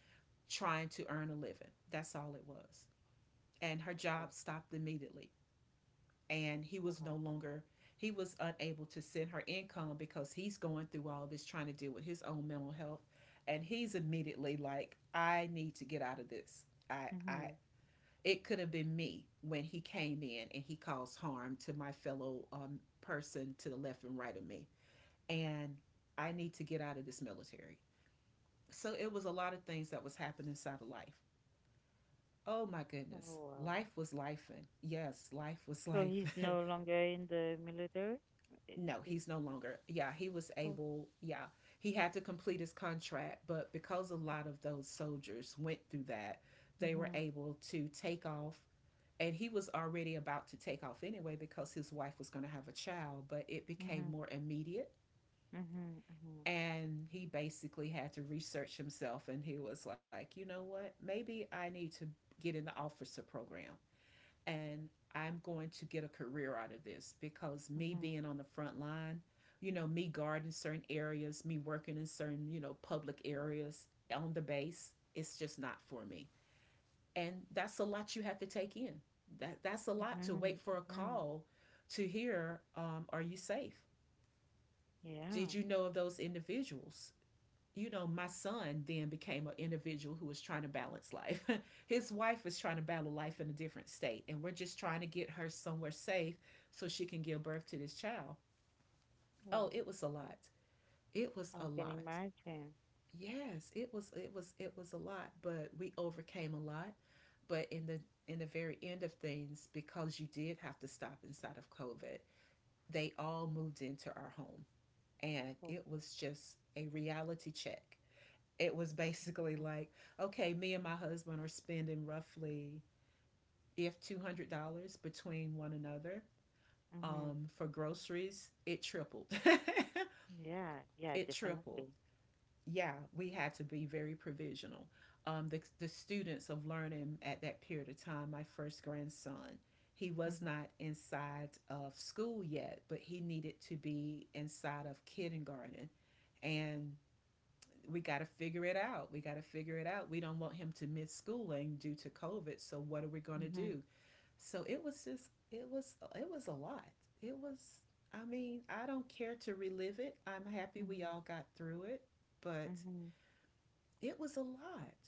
[SPEAKER 1] trying to earn a living. That's all it was. And her
[SPEAKER 2] Wow.
[SPEAKER 1] job stopped immediately and he was
[SPEAKER 2] Wow.
[SPEAKER 1] no longer he was unable to send her income because he's going through all this trying to deal with his own mental health, and he's immediately like, I need to get out of this. I
[SPEAKER 2] Mhm.
[SPEAKER 1] it could have been me when he came in and he caused harm to my fellow person to the left and right of me. And I need to get out of this military. So it was a lot of things that was happening inside of life. Oh my
[SPEAKER 2] Oh,
[SPEAKER 1] goodness,
[SPEAKER 2] wow.
[SPEAKER 1] life was life, and yes, life was
[SPEAKER 2] So
[SPEAKER 1] life.
[SPEAKER 2] he's no longer in the military? I-
[SPEAKER 1] No,
[SPEAKER 2] This
[SPEAKER 1] he's no longer. Yeah, he was
[SPEAKER 2] oh.
[SPEAKER 1] able. Yeah, he had to complete his contract, but because a lot of those soldiers went through that, they were
[SPEAKER 2] Mhm.
[SPEAKER 1] able to take off. And he was already about to take off anyway because his wife was going to have a child, but it became
[SPEAKER 2] Mhm.
[SPEAKER 1] more immediate.
[SPEAKER 2] Mhm. Mhm.
[SPEAKER 1] And he basically had to research himself and he was like, you know what? Maybe I need to get in the officer program, and I'm going to get a career out of this because me
[SPEAKER 2] Mhm.
[SPEAKER 1] being on the front line, you know, me guarding certain areas, me working in certain, you know, public areas on the base, it's just not for me. And that's a lot you have to take in. That's a lot, to
[SPEAKER 2] Mhm.
[SPEAKER 1] wait for a
[SPEAKER 2] Mhm.
[SPEAKER 1] call to hear, are you safe? Did
[SPEAKER 2] Yeah.
[SPEAKER 1] you know of those individuals? You know, my son then became an individual who was trying to balance life. His wife was trying to battle life in a different state, and we're just trying to get her somewhere safe so she can give birth to this child. Oh,
[SPEAKER 2] Wow.
[SPEAKER 1] it was a lot. It was a
[SPEAKER 2] I can
[SPEAKER 1] lot.
[SPEAKER 2] imagine.
[SPEAKER 1] Yes, it was a lot, but we overcame a lot. But in the very end of things, because you did have to stop inside of COVID, they all moved into our home. And
[SPEAKER 2] Oh,
[SPEAKER 1] it was just a reality check. It was basically
[SPEAKER 2] mm,
[SPEAKER 1] like, okay, me and my husband are spending roughly if $200 between one another.
[SPEAKER 2] mhm.
[SPEAKER 1] For groceries, it tripled.
[SPEAKER 2] Yeah, yeah,
[SPEAKER 1] It tripled.
[SPEAKER 2] definitely.
[SPEAKER 1] Yeah, we had to be very provisional. The students of learning at that period of time, my first grandson, he was
[SPEAKER 2] Mm-hmm.
[SPEAKER 1] not inside of school yet, but he needed to be inside of kindergarten. And we got to figure it out. We got to figure it out. We don't want him to miss schooling due to COVID. So what are we going to
[SPEAKER 2] Mm-hmm.
[SPEAKER 1] do? So it was a lot. It was I mean, I don't care to relive it. I'm happy we
[SPEAKER 2] Mm-hmm.
[SPEAKER 1] all got through it, but
[SPEAKER 2] Mm-hmm.
[SPEAKER 1] it was a lot.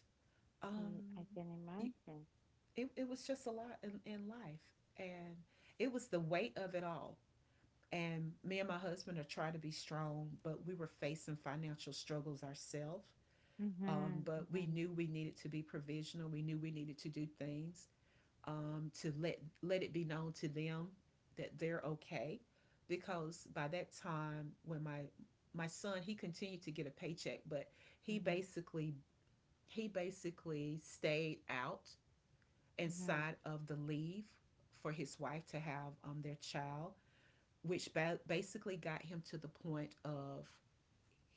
[SPEAKER 1] Um
[SPEAKER 2] Yeah, I can
[SPEAKER 1] you,
[SPEAKER 2] imagine.
[SPEAKER 1] it was just a lot in life, and it was the weight of it all. And me and my husband are trying to be strong, but we were facing financial struggles ourselves.
[SPEAKER 2] Mm-hmm.
[SPEAKER 1] But we
[SPEAKER 2] Mm-hmm.
[SPEAKER 1] knew we needed to be provisional. We knew we needed to do things to let it be known to them that they're okay, because by that time when my son, he continued to get a paycheck, but he
[SPEAKER 2] Mm-hmm.
[SPEAKER 1] basically he basically stayed out
[SPEAKER 2] Mm-hmm.
[SPEAKER 1] inside of the leave for his wife to have their child, which basically got him to the point of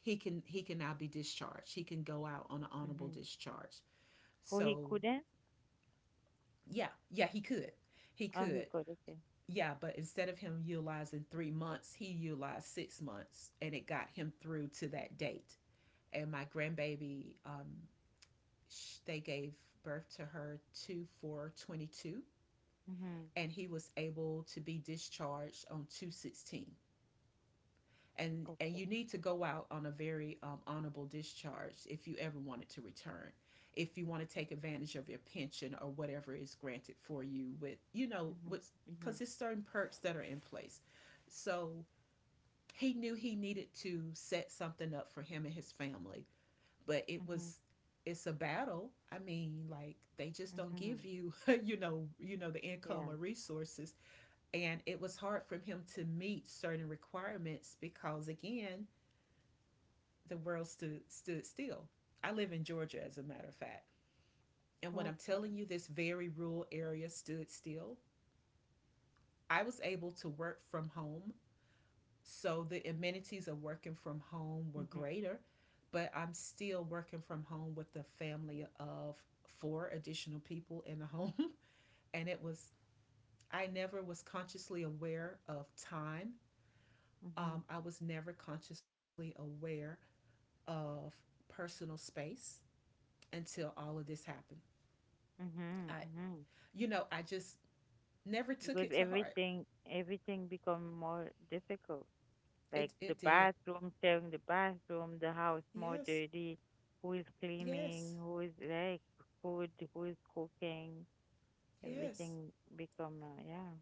[SPEAKER 1] he can now be discharged. He can go out on an
[SPEAKER 2] Mm-hmm.
[SPEAKER 1] honorable discharge.
[SPEAKER 2] Oh, he
[SPEAKER 1] So,
[SPEAKER 2] couldn't?
[SPEAKER 1] yeah, yeah, he could. He
[SPEAKER 2] Oh, he
[SPEAKER 1] could.
[SPEAKER 2] could. Okay.
[SPEAKER 1] Yeah, but instead of him utilizing 3 months, he utilized 6 months and it got him through to that date. And my grandbaby, they gave birth to her 2 22,
[SPEAKER 2] Mm-hmm.
[SPEAKER 1] and he was able to be discharged on 2/16. And
[SPEAKER 2] Okay.
[SPEAKER 1] you need to go out on a very honorable discharge if you ever wanted to return, if you want to take advantage of your pension or whatever is granted for you, with, you know,
[SPEAKER 2] Mm-hmm.
[SPEAKER 1] with,
[SPEAKER 2] Mm-hmm.
[SPEAKER 1] because there's certain perks that are in place. So he knew he needed to set something up for him and his family, but
[SPEAKER 2] Mm-hmm.
[SPEAKER 1] it's a battle. I mean, like, they just don't
[SPEAKER 2] Mm-hmm.
[SPEAKER 1] give you you know, you know the
[SPEAKER 2] Yeah.
[SPEAKER 1] income or resources. And it was hard for him to meet certain requirements because, again, the world stood still. I live in Georgia, as a matter of fact. And when I'm
[SPEAKER 2] Okay.
[SPEAKER 1] telling you, this very rural area stood still. I was able to work from home. So the amenities of working from home were
[SPEAKER 2] Mm-hmm.
[SPEAKER 1] greater, but I'm still working from home with a family of four additional people in the home. And it was, I never was consciously aware of time.
[SPEAKER 2] Mm-hmm.
[SPEAKER 1] I was never consciously aware of personal space until all of this happened.
[SPEAKER 2] Mm-hmm.
[SPEAKER 1] I
[SPEAKER 2] Mm-hmm.
[SPEAKER 1] You know, I just never took
[SPEAKER 2] Because
[SPEAKER 1] it to heart.
[SPEAKER 2] everything become more difficult. Like
[SPEAKER 1] It
[SPEAKER 2] the
[SPEAKER 1] it did.
[SPEAKER 2] bathroom, tearing the bathroom, the house more
[SPEAKER 1] Yes.
[SPEAKER 2] dirty, who is
[SPEAKER 1] Yes.
[SPEAKER 2] cleaning, who is like food, who is cooking,
[SPEAKER 1] Yes.
[SPEAKER 2] everything become, yeah.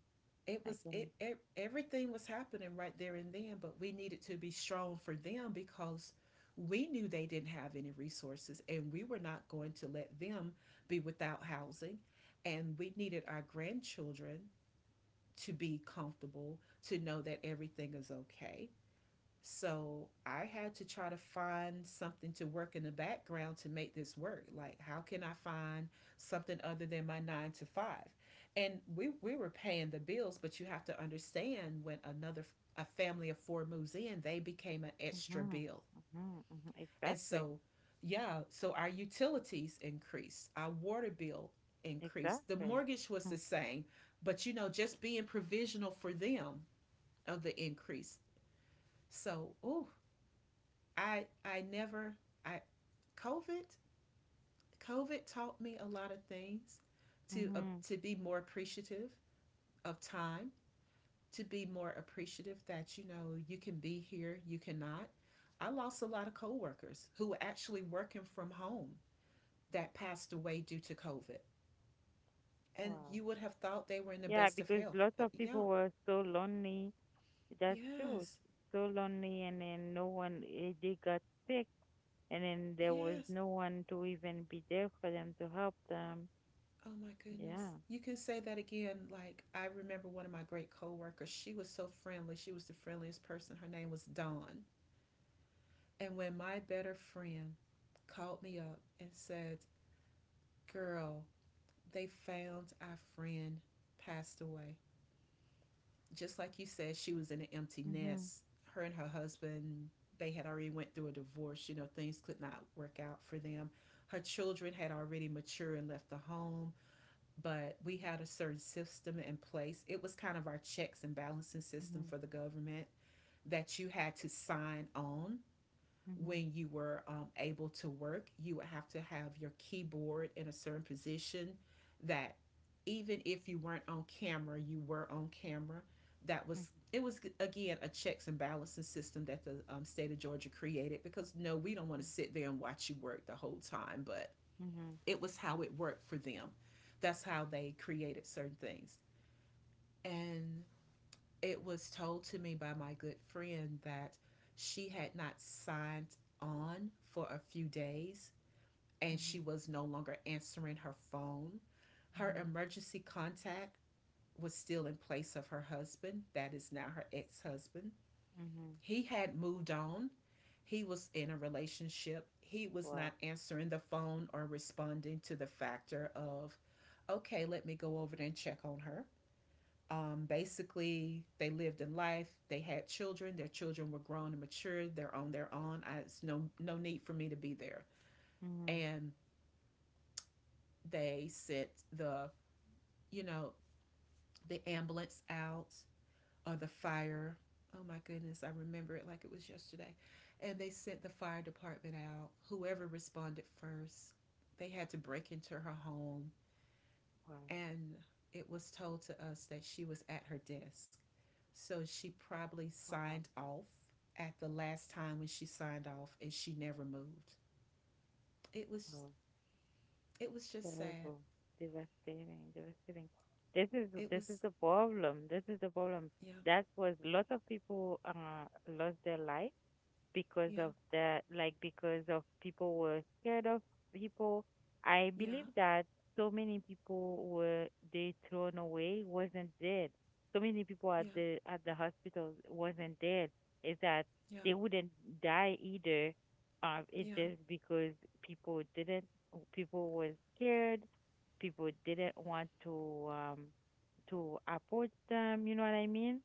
[SPEAKER 1] It
[SPEAKER 2] I
[SPEAKER 1] was it,
[SPEAKER 2] can.
[SPEAKER 1] it everything was happening right there and then, but we needed to be strong for them because we knew they didn't have any resources, and we were not going to let them be without housing, and we needed our grandchildren to be comfortable, to know that everything is okay. So I had to try to find something to work in the background to make this work. Like, how can I find something other than my nine to five? And we were paying the bills, but you have to understand when another a family of four moves in, they became an extra
[SPEAKER 2] Mm-hmm,
[SPEAKER 1] bill.
[SPEAKER 2] mm-hmm,
[SPEAKER 1] And
[SPEAKER 2] exactly,
[SPEAKER 1] so, yeah, so our utilities increased, our water bill increased. The
[SPEAKER 2] exactly.
[SPEAKER 1] mortgage was the
[SPEAKER 2] Mm,
[SPEAKER 1] same, but you know, just being provisional for them of the increase. So, ooh, I never I COVID COVID taught me a lot of things, to uh,
[SPEAKER 2] mm-hmm.
[SPEAKER 1] to be more appreciative of time, to be more appreciative that, you know, you can be here, you cannot. I lost a lot of coworkers who were actually working from home that passed away due to COVID, and you
[SPEAKER 2] Wow.
[SPEAKER 1] would have thought they were in the
[SPEAKER 2] Yeah,
[SPEAKER 1] best of
[SPEAKER 2] because
[SPEAKER 1] health.
[SPEAKER 2] lots of
[SPEAKER 1] Yeah,
[SPEAKER 2] people were so lonely. That's true.
[SPEAKER 1] yes,
[SPEAKER 2] So lonely, and then no one, they got sick, and then there was
[SPEAKER 1] yes.
[SPEAKER 2] no one to even be there for them to help them.
[SPEAKER 1] Oh my goodness,
[SPEAKER 2] Yeah.
[SPEAKER 1] you can say that again. Like, I remember one of my great coworkers, she was so friendly. She was the friendliest person. Her name was Dawn. And when my better friend called me up and said, Girl, they found our friend passed away. Just like you said, she was in an empty
[SPEAKER 2] Mhm,
[SPEAKER 1] nest. Her and her husband, they had already went through a divorce, you know, things could not work out for them. Her children had already matured and left the home, but we had a certain system in place. It was kind of our checks and balancing system
[SPEAKER 2] mhm,
[SPEAKER 1] for the government, that you had to sign on
[SPEAKER 2] mhm,
[SPEAKER 1] when you were able to work. You would have to have your keyboard in a certain position that even if you weren't on camera, you were on camera. That was
[SPEAKER 2] mhm,
[SPEAKER 1] it was again a checks and balancing system that the state of Georgia created, because no, we don't want to sit there and watch you work the whole time, but
[SPEAKER 2] mhm,
[SPEAKER 1] it was how it worked for them. That's how they created certain things. And it was told to me by my good friend that she had not signed on for a few days and she
[SPEAKER 2] mhm,
[SPEAKER 1] was no longer answering her phone. Her
[SPEAKER 2] mhm,
[SPEAKER 1] emergency contact was still in place of her husband, that is now her ex husband.
[SPEAKER 2] mhm.
[SPEAKER 1] He had moved on. He was in a relationship. He was not
[SPEAKER 2] Wow.
[SPEAKER 1] answering the phone or responding to the factor of, okay, let me go over there and check on her. Basically, they lived in life. They had children. Their children were grown and mature. They're on their own. It's no need for me to be there.
[SPEAKER 2] Mhm.
[SPEAKER 1] And they sent the you know the ambulance out. Or the fire. Oh my goodness, I remember it like it was yesterday. And they sent the fire department out. Whoever responded first, they had to break into her home.
[SPEAKER 2] Wow.
[SPEAKER 1] And it was told to us that she was at her desk. So she probably
[SPEAKER 2] Wow.
[SPEAKER 1] signed off at the last time when she signed off, and she never moved. It was
[SPEAKER 2] Wow.
[SPEAKER 1] it was just sad.
[SPEAKER 2] Terrible. Devastating. Devastating. This is
[SPEAKER 1] It
[SPEAKER 2] this is
[SPEAKER 1] was
[SPEAKER 2] the problem. This is the problem.
[SPEAKER 1] Yeah,
[SPEAKER 2] That was lots of people lost their life because
[SPEAKER 1] yeah,
[SPEAKER 2] of that, like because of people were scared of people. I believe
[SPEAKER 1] yeah,
[SPEAKER 2] that so many people were they thrown away wasn't dead. So many people
[SPEAKER 1] yeah,
[SPEAKER 2] at the hospitals wasn't dead. Is that
[SPEAKER 1] yeah,
[SPEAKER 2] they wouldn't die either. It's
[SPEAKER 1] yeah,
[SPEAKER 2] just because people didn't people were scared. People didn't want to approach them. You know what I mean?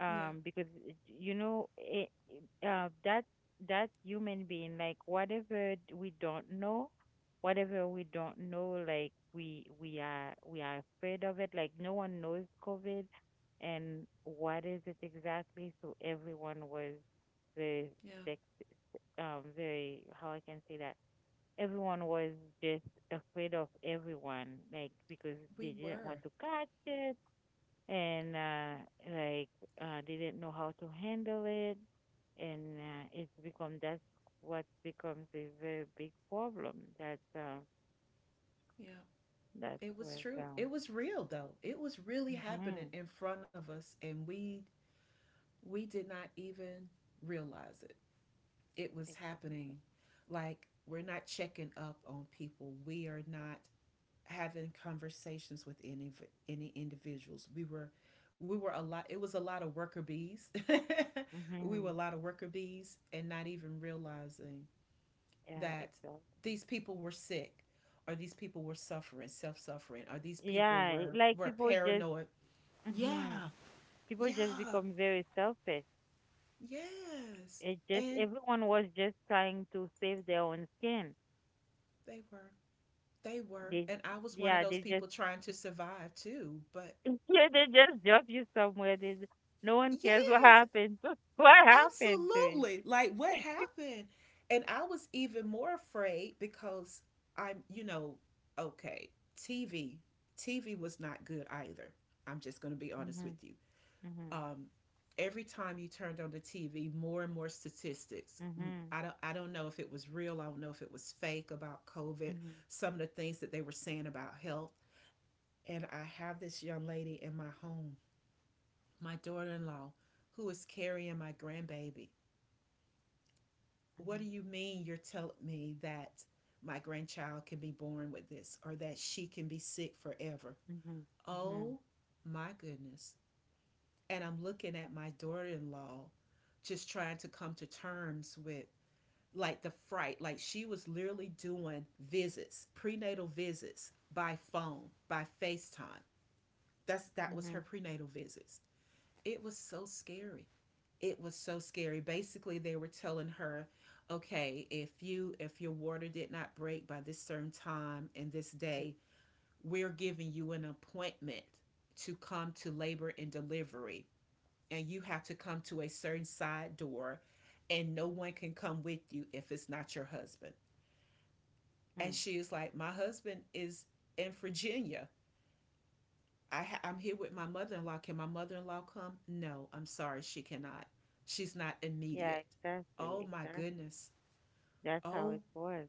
[SPEAKER 1] yeah,
[SPEAKER 2] Because that human being, like whatever we don't know, whatever we don't know, like we are afraid of it, like no one knows COVID and what is it exactly, so everyone was very
[SPEAKER 1] yeah.
[SPEAKER 2] sick. Very, how I can say that, everyone was just afraid of everyone, like because
[SPEAKER 1] We
[SPEAKER 2] they didn't want
[SPEAKER 1] were.
[SPEAKER 2] to catch it. And like, didn't know how to handle it, and it's become that's what becomes a very big problem. That uh,
[SPEAKER 1] Yeah.
[SPEAKER 2] that
[SPEAKER 1] It was
[SPEAKER 2] was
[SPEAKER 1] true. It was real though. It was really happening
[SPEAKER 2] hmm.
[SPEAKER 1] in front of us, and we did not even realize it. It was
[SPEAKER 2] Exactly.
[SPEAKER 1] happening. Like, we're not checking up on people. We are not having conversations with any individuals. We were a lot it was a lot of worker bees. We were a
[SPEAKER 2] Hmm.
[SPEAKER 1] lot of worker bees and not even realizing
[SPEAKER 2] Yeah,
[SPEAKER 1] that
[SPEAKER 2] exactly.
[SPEAKER 1] these people were sick, or these people were suffering, self suffering, or these people
[SPEAKER 2] Yeah,
[SPEAKER 1] were
[SPEAKER 2] like
[SPEAKER 1] were
[SPEAKER 2] people just.
[SPEAKER 1] paranoid.
[SPEAKER 2] Hmm.
[SPEAKER 1] Yeah,
[SPEAKER 2] People just
[SPEAKER 1] yeah,
[SPEAKER 2] become very selfish.
[SPEAKER 1] yes.
[SPEAKER 2] It just,
[SPEAKER 1] And
[SPEAKER 2] everyone was just trying to save their own skin.
[SPEAKER 1] they were. They were.
[SPEAKER 2] They.
[SPEAKER 1] And I was one of
[SPEAKER 2] Yeah,
[SPEAKER 1] those
[SPEAKER 2] they
[SPEAKER 1] people
[SPEAKER 2] just.
[SPEAKER 1] trying to survive too. But
[SPEAKER 2] Yeah, they just drop you somewhere. No one cares what
[SPEAKER 1] yes,
[SPEAKER 2] happened to, what happened to him.
[SPEAKER 1] absolutely. Like, what happened? And I was even more afraid because I'm, you know, okay, TV. TV was not good either. I'm just going to be honest
[SPEAKER 2] Mhm,
[SPEAKER 1] with you.
[SPEAKER 2] mhm,
[SPEAKER 1] um, every time you turned on the TV, more and more statistics. I do not
[SPEAKER 2] mhm,
[SPEAKER 1] I don't, I don't know if it was real. I don't know if it was fake about COVID,
[SPEAKER 2] mhm,
[SPEAKER 1] some of the things that they were saying about health. And I have this young lady in my home, my daughter in law, who is carrying my grandbaby. What do you mean you're telling me that my grandchild can be born with this, or that she can be sick forever?
[SPEAKER 2] mhm, mhm, mhm,
[SPEAKER 1] Oh my goodness. And I'm looking at my daughter-in-law, just trying to come to terms with, like, the fright. Like, she was literally doing visits, prenatal visits, by phone, by FaceTime. That's,
[SPEAKER 2] mhm,
[SPEAKER 1] that was her
[SPEAKER 2] mhm,
[SPEAKER 1] prenatal visits. It was so scary. It was so scary. Basically, they were telling her, okay, if you if your water did not break by this certain time and this day, we're giving you an appointment to come to labor and delivery, and you have to come to a certain side door, and no one can come with you if it's not your husband. And
[SPEAKER 2] mhm.
[SPEAKER 1] she is like, "My husband is in Virginia. I ha- I'm here with my mother in law. Can my mother in law come?" "No, I'm sorry, she cannot. She's not
[SPEAKER 2] Yeah,
[SPEAKER 1] immediate."
[SPEAKER 2] exactly.
[SPEAKER 1] Oh my
[SPEAKER 2] Exactly.
[SPEAKER 1] goodness.
[SPEAKER 2] That's how it
[SPEAKER 1] Oh,
[SPEAKER 2] was.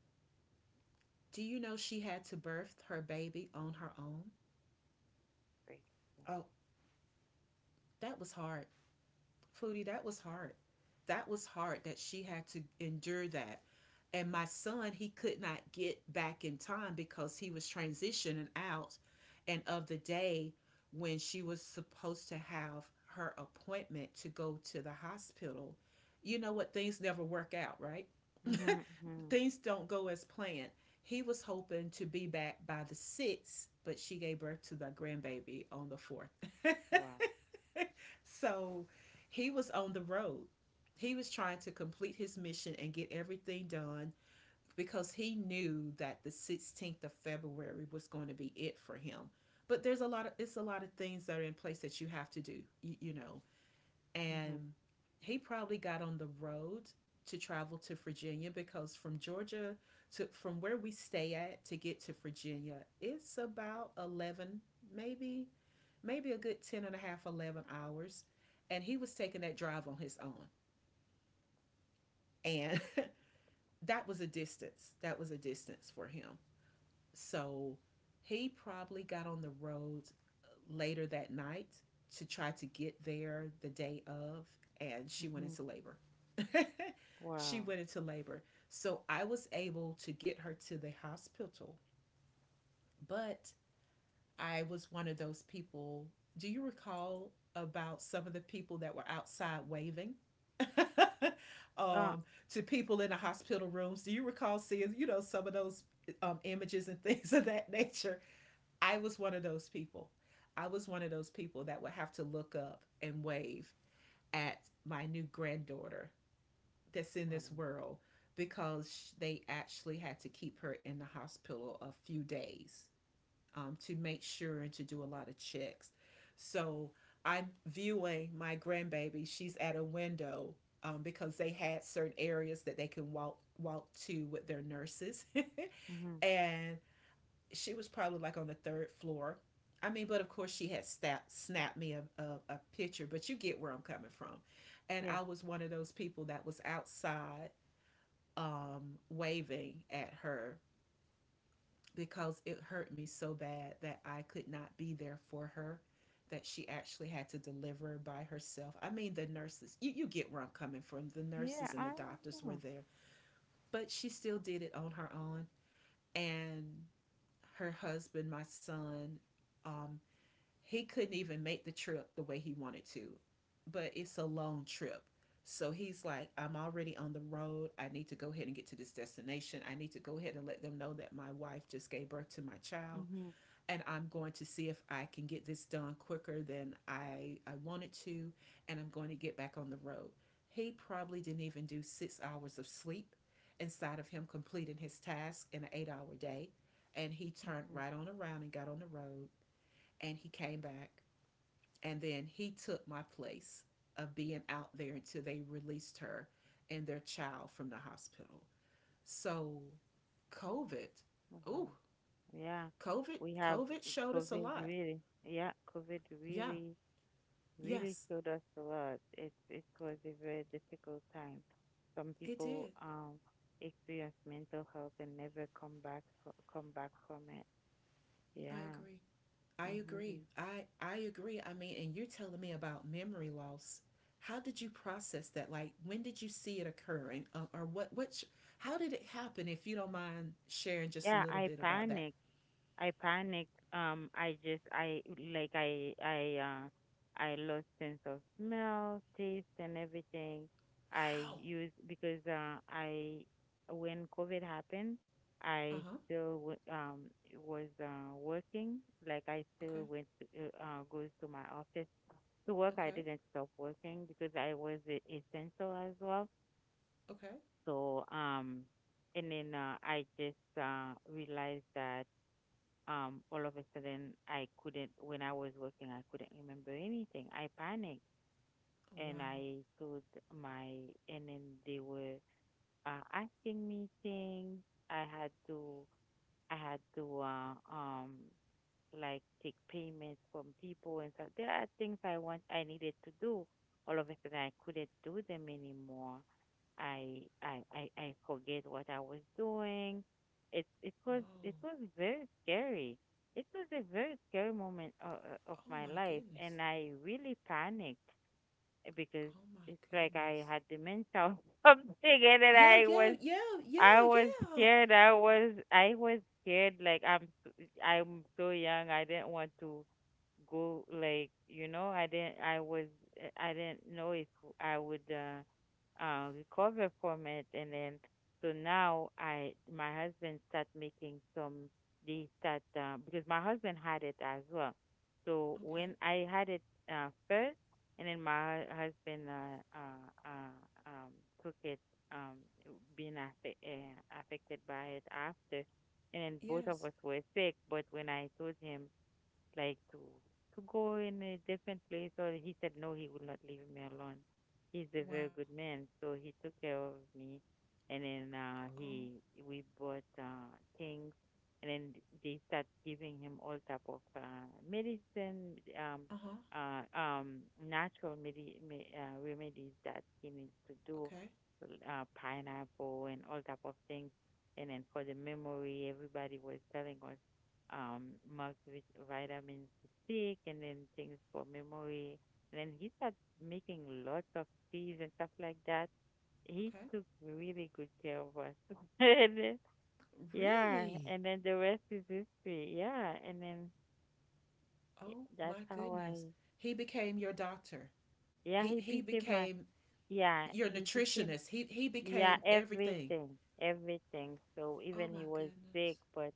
[SPEAKER 1] do you know she had to birth her baby on her own?
[SPEAKER 2] Like,
[SPEAKER 1] Oh, that was hard. Foodie, that was hard. That was hard that she had to endure that. And my son, he could not get back in time because he was transitioning out, and of the day when she was supposed to have her appointment to go to the hospital. You know what? Things never work out, right?
[SPEAKER 2] mhm, mhm.
[SPEAKER 1] Things don't go as planned. He was hoping to be back by the 6th, but she gave birth to the grandbaby on the 4th.
[SPEAKER 2] Wow.
[SPEAKER 1] So he was on the road. He was trying to complete his mission and get everything done because he knew that the 16th of February was going to be it for him. But there's a lot of it's a lot of things that are in place that you have to do. You know,
[SPEAKER 2] Mhm,
[SPEAKER 1] and he probably got on the road to travel to Virginia, because from Georgia to from where we stay at to get to Virginia, it's about 11, maybe maybe a good 10 and a half, 11 hours, and he was taking that drive on his own. And that was a distance. That was a distance for him. So he probably got on the road later that night to try to get there the day of, and she went
[SPEAKER 2] mhm.
[SPEAKER 1] into labor. She
[SPEAKER 2] Wow.
[SPEAKER 1] went into labor. So I was able to get her to the hospital, but I was one of those people. Do you recall about some of the people that were outside waving?
[SPEAKER 2] Uh,
[SPEAKER 1] um, to people in the hospital rooms. Do you recall seeing, you know, some of those images and things of that nature? I was one of those people. I was one of those people that would have to look up and wave at my new granddaughter that's in this
[SPEAKER 2] wow.
[SPEAKER 1] world, because they actually had to keep her in the hospital a few days, to make sure and to do a lot of checks. So I'm viewing my grandbaby. She's at a window, because they had certain areas that they can walk to with their nurses.
[SPEAKER 2] Mhm.
[SPEAKER 1] And she was probably like on the third floor. I mean, but of course she had snap, snapped me a picture, but you get where I'm coming from. And
[SPEAKER 2] Yes.
[SPEAKER 1] I was one of those people that was outside waving at her, because it hurt me so bad that I could not be there for her, that she actually had to deliver by herself. I mean, the nurses, you get where I'm coming from. The
[SPEAKER 2] Yeah,
[SPEAKER 1] nurses and the
[SPEAKER 2] I
[SPEAKER 1] doctors were
[SPEAKER 2] know.
[SPEAKER 1] there, but she still did it on her own. And her husband, my son, um, he couldn't even make the trip the way he wanted to, but it's a long trip. So he's like, "I'm already on the road. I need to go ahead and get to this destination. I need to go ahead and let them know that my wife just gave birth to my child.
[SPEAKER 2] Mhm,
[SPEAKER 1] And I'm going to see if I can get this done quicker than I wanted to. And I'm going to get back on the road." He probably didn't even do 6 hours of sleep inside of him completing his task in an 8 hour day. And he turned
[SPEAKER 2] mhm.
[SPEAKER 1] right on around and got on the road. And he came back, and then he took my place of being out there until they released her and their child from the hospital. So COVID,
[SPEAKER 2] Oh, wow.
[SPEAKER 1] oh,
[SPEAKER 2] Yeah,
[SPEAKER 1] COVID,
[SPEAKER 2] we have
[SPEAKER 1] COVID showed us a
[SPEAKER 2] COVID
[SPEAKER 1] lot.
[SPEAKER 2] really, yeah, COVID
[SPEAKER 1] Yeah.
[SPEAKER 2] really, really
[SPEAKER 1] Yes,
[SPEAKER 2] showed us a lot. It was a very difficult time. Some
[SPEAKER 1] it did.
[SPEAKER 2] people experience mental health and never come back come back from it.
[SPEAKER 1] I
[SPEAKER 2] Yeah.
[SPEAKER 1] agree. I agree.
[SPEAKER 2] Hmm.
[SPEAKER 1] I agree. I mean, and you're telling me about memory loss. How did you process that? Like, when did you see it occurring, or what? What? Sh- How did it happen? If you don't mind sharing just a
[SPEAKER 2] Yeah,
[SPEAKER 1] little
[SPEAKER 2] I
[SPEAKER 1] bit about that.
[SPEAKER 2] panicked. I panicked. I just I like I lost sense of smell, taste, and everything. I
[SPEAKER 1] Wow.
[SPEAKER 2] used because I When COVID happened,
[SPEAKER 1] Uh
[SPEAKER 2] I
[SPEAKER 1] huh.
[SPEAKER 2] still was working. Like I
[SPEAKER 1] Okay.
[SPEAKER 2] still went to, goes to my office to work. I
[SPEAKER 1] Okay.
[SPEAKER 2] didn't stop working because I was essential as well.
[SPEAKER 1] Okay.
[SPEAKER 2] So, and then, I just realized that, all of a sudden I couldn't, when I was working, I couldn't remember anything. I panicked,
[SPEAKER 1] Oh,
[SPEAKER 2] and
[SPEAKER 1] wow.
[SPEAKER 2] I told my, and then they were asking me things. I had to, I had to like take payments from people and stuff. There are things I needed to do. All of a sudden I couldn't do them anymore. I forget what I was doing. It it was
[SPEAKER 1] Whoa.
[SPEAKER 2] it was very scary. It was a very scary moment of,
[SPEAKER 1] Oh
[SPEAKER 2] my
[SPEAKER 1] my
[SPEAKER 2] life,
[SPEAKER 1] goodness.
[SPEAKER 2] and I really panicked, because
[SPEAKER 1] Oh my
[SPEAKER 2] it's like I
[SPEAKER 1] goodness.
[SPEAKER 2] had dementia or something, and then
[SPEAKER 1] Yeah,
[SPEAKER 2] I
[SPEAKER 1] yeah,
[SPEAKER 2] was
[SPEAKER 1] yeah, yeah,
[SPEAKER 2] I was
[SPEAKER 1] yeah.
[SPEAKER 2] scared. I was scared. Like I'm so young. I didn't want to go. Like, I didn't. I didn't know if I would recover from it. And then, so now, I my husband start making some. They start, because my husband had it as well. So
[SPEAKER 1] Okay.
[SPEAKER 2] when I had it first, and then my husband, um, took it, um, being affected by it after. And then both of
[SPEAKER 1] Yes.
[SPEAKER 2] us were sick, but when I told him, like to go in a different place, or he said no, he would not leave me alone. He's a very
[SPEAKER 1] Wow.
[SPEAKER 2] good man, so he took care of me. And then
[SPEAKER 1] Oh,
[SPEAKER 2] he we bought things, and then they start giving him all type of medicine,
[SPEAKER 1] uh-huh.
[SPEAKER 2] natural remedies that he needs to do.
[SPEAKER 1] Okay.
[SPEAKER 2] Pineapple and all type of things. And then, for the memory, everybody was telling us, must with vitamin to take, and then things for memory. And then he started making lots of teas and stuff like that. He
[SPEAKER 1] Okay.
[SPEAKER 2] took really good care of us. And then, yeah,
[SPEAKER 1] Really?
[SPEAKER 2] and then the rest is history. Yeah, and then
[SPEAKER 1] Oh
[SPEAKER 2] that's
[SPEAKER 1] my
[SPEAKER 2] how
[SPEAKER 1] goodness.
[SPEAKER 2] I,
[SPEAKER 1] He became your doctor.
[SPEAKER 2] yeah, he
[SPEAKER 1] He
[SPEAKER 2] became my,
[SPEAKER 1] became
[SPEAKER 2] yeah,
[SPEAKER 1] your
[SPEAKER 2] he became,
[SPEAKER 1] nutritionist. He
[SPEAKER 2] yeah,
[SPEAKER 1] became everything.
[SPEAKER 2] everything, everything. So
[SPEAKER 1] Oh
[SPEAKER 2] even
[SPEAKER 1] my
[SPEAKER 2] he was sick,
[SPEAKER 1] goodness.
[SPEAKER 2] but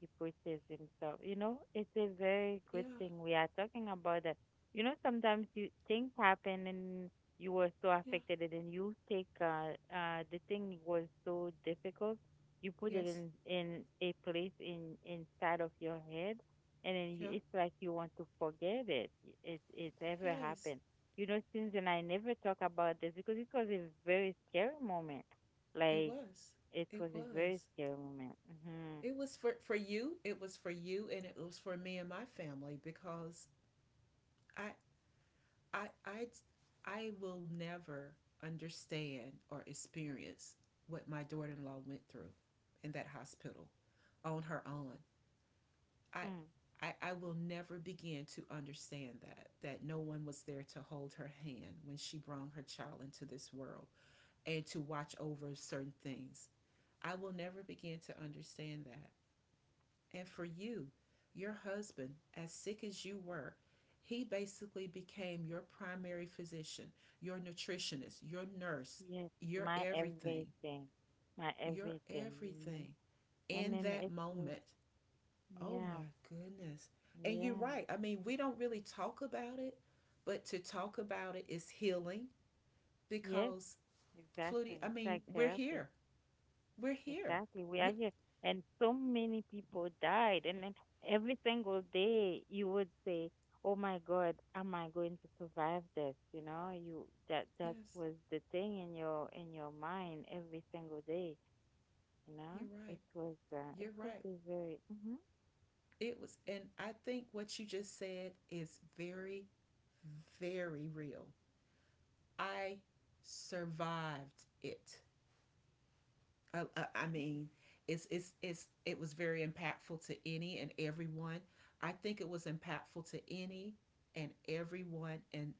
[SPEAKER 2] he pushes himself. You know, it's a very good
[SPEAKER 1] Yeah.
[SPEAKER 2] thing. We are talking about that. You know, sometimes you things happen, and you were so
[SPEAKER 1] Yeah.
[SPEAKER 2] affected, and then you take the thing was so difficult. You put it
[SPEAKER 1] Yes.
[SPEAKER 2] in a place in inside of your head, and then
[SPEAKER 1] Yeah.
[SPEAKER 2] it's like you want to forget it. It's ever
[SPEAKER 1] Yes.
[SPEAKER 2] happened. You know, since then I never talk about this because it was a very scary moment.
[SPEAKER 1] It
[SPEAKER 2] Like,
[SPEAKER 1] was.
[SPEAKER 2] it
[SPEAKER 1] It
[SPEAKER 2] was a very
[SPEAKER 1] was.
[SPEAKER 2] scary moment. Hmm.
[SPEAKER 1] It was for you. It was for you, and it was for me and my family because I I I I will never understand or experience what my daughter-in-law went through in that hospital on her own. I I will never begin to understand that, that no one was there to hold her hand when she brought her child into this world and to watch over certain things. I will never begin to understand that. And for you, your husband, as sick as you were, he basically became your primary physician, your nutritionist, your nurse,
[SPEAKER 2] Yes,
[SPEAKER 1] your
[SPEAKER 2] my
[SPEAKER 1] everything,
[SPEAKER 2] everything, my
[SPEAKER 1] your
[SPEAKER 2] everything, you know.
[SPEAKER 1] everything
[SPEAKER 2] And
[SPEAKER 1] in
[SPEAKER 2] then
[SPEAKER 1] that
[SPEAKER 2] it's like,
[SPEAKER 1] moment. Oh my
[SPEAKER 2] yeah,
[SPEAKER 1] goodness. And you're
[SPEAKER 2] yeah,
[SPEAKER 1] right. I mean, we don't really talk about it, but to talk about it is healing,
[SPEAKER 2] yes,
[SPEAKER 1] because, Flutie,
[SPEAKER 2] exactly.
[SPEAKER 1] I
[SPEAKER 2] It's
[SPEAKER 1] mean,
[SPEAKER 2] like
[SPEAKER 1] we're
[SPEAKER 2] therapy.
[SPEAKER 1] here. We're here.
[SPEAKER 2] Exactly. We are
[SPEAKER 1] We,
[SPEAKER 2] here. And so many people died. And then every single day you would say, "Oh my God, am I going to survive this?" You know, you that that
[SPEAKER 1] yes,
[SPEAKER 2] was the thing in your mind every single day, you
[SPEAKER 1] you're
[SPEAKER 2] know? It
[SPEAKER 1] right.
[SPEAKER 2] was uh, it
[SPEAKER 1] You're
[SPEAKER 2] was
[SPEAKER 1] right.
[SPEAKER 2] a very mm-hmm.
[SPEAKER 1] It was, and I think what you just said is very, very real. I survived it. I
[SPEAKER 2] Yes,
[SPEAKER 1] mean, it was very impactful to any and everyone. I think it was impactful to any and everyone,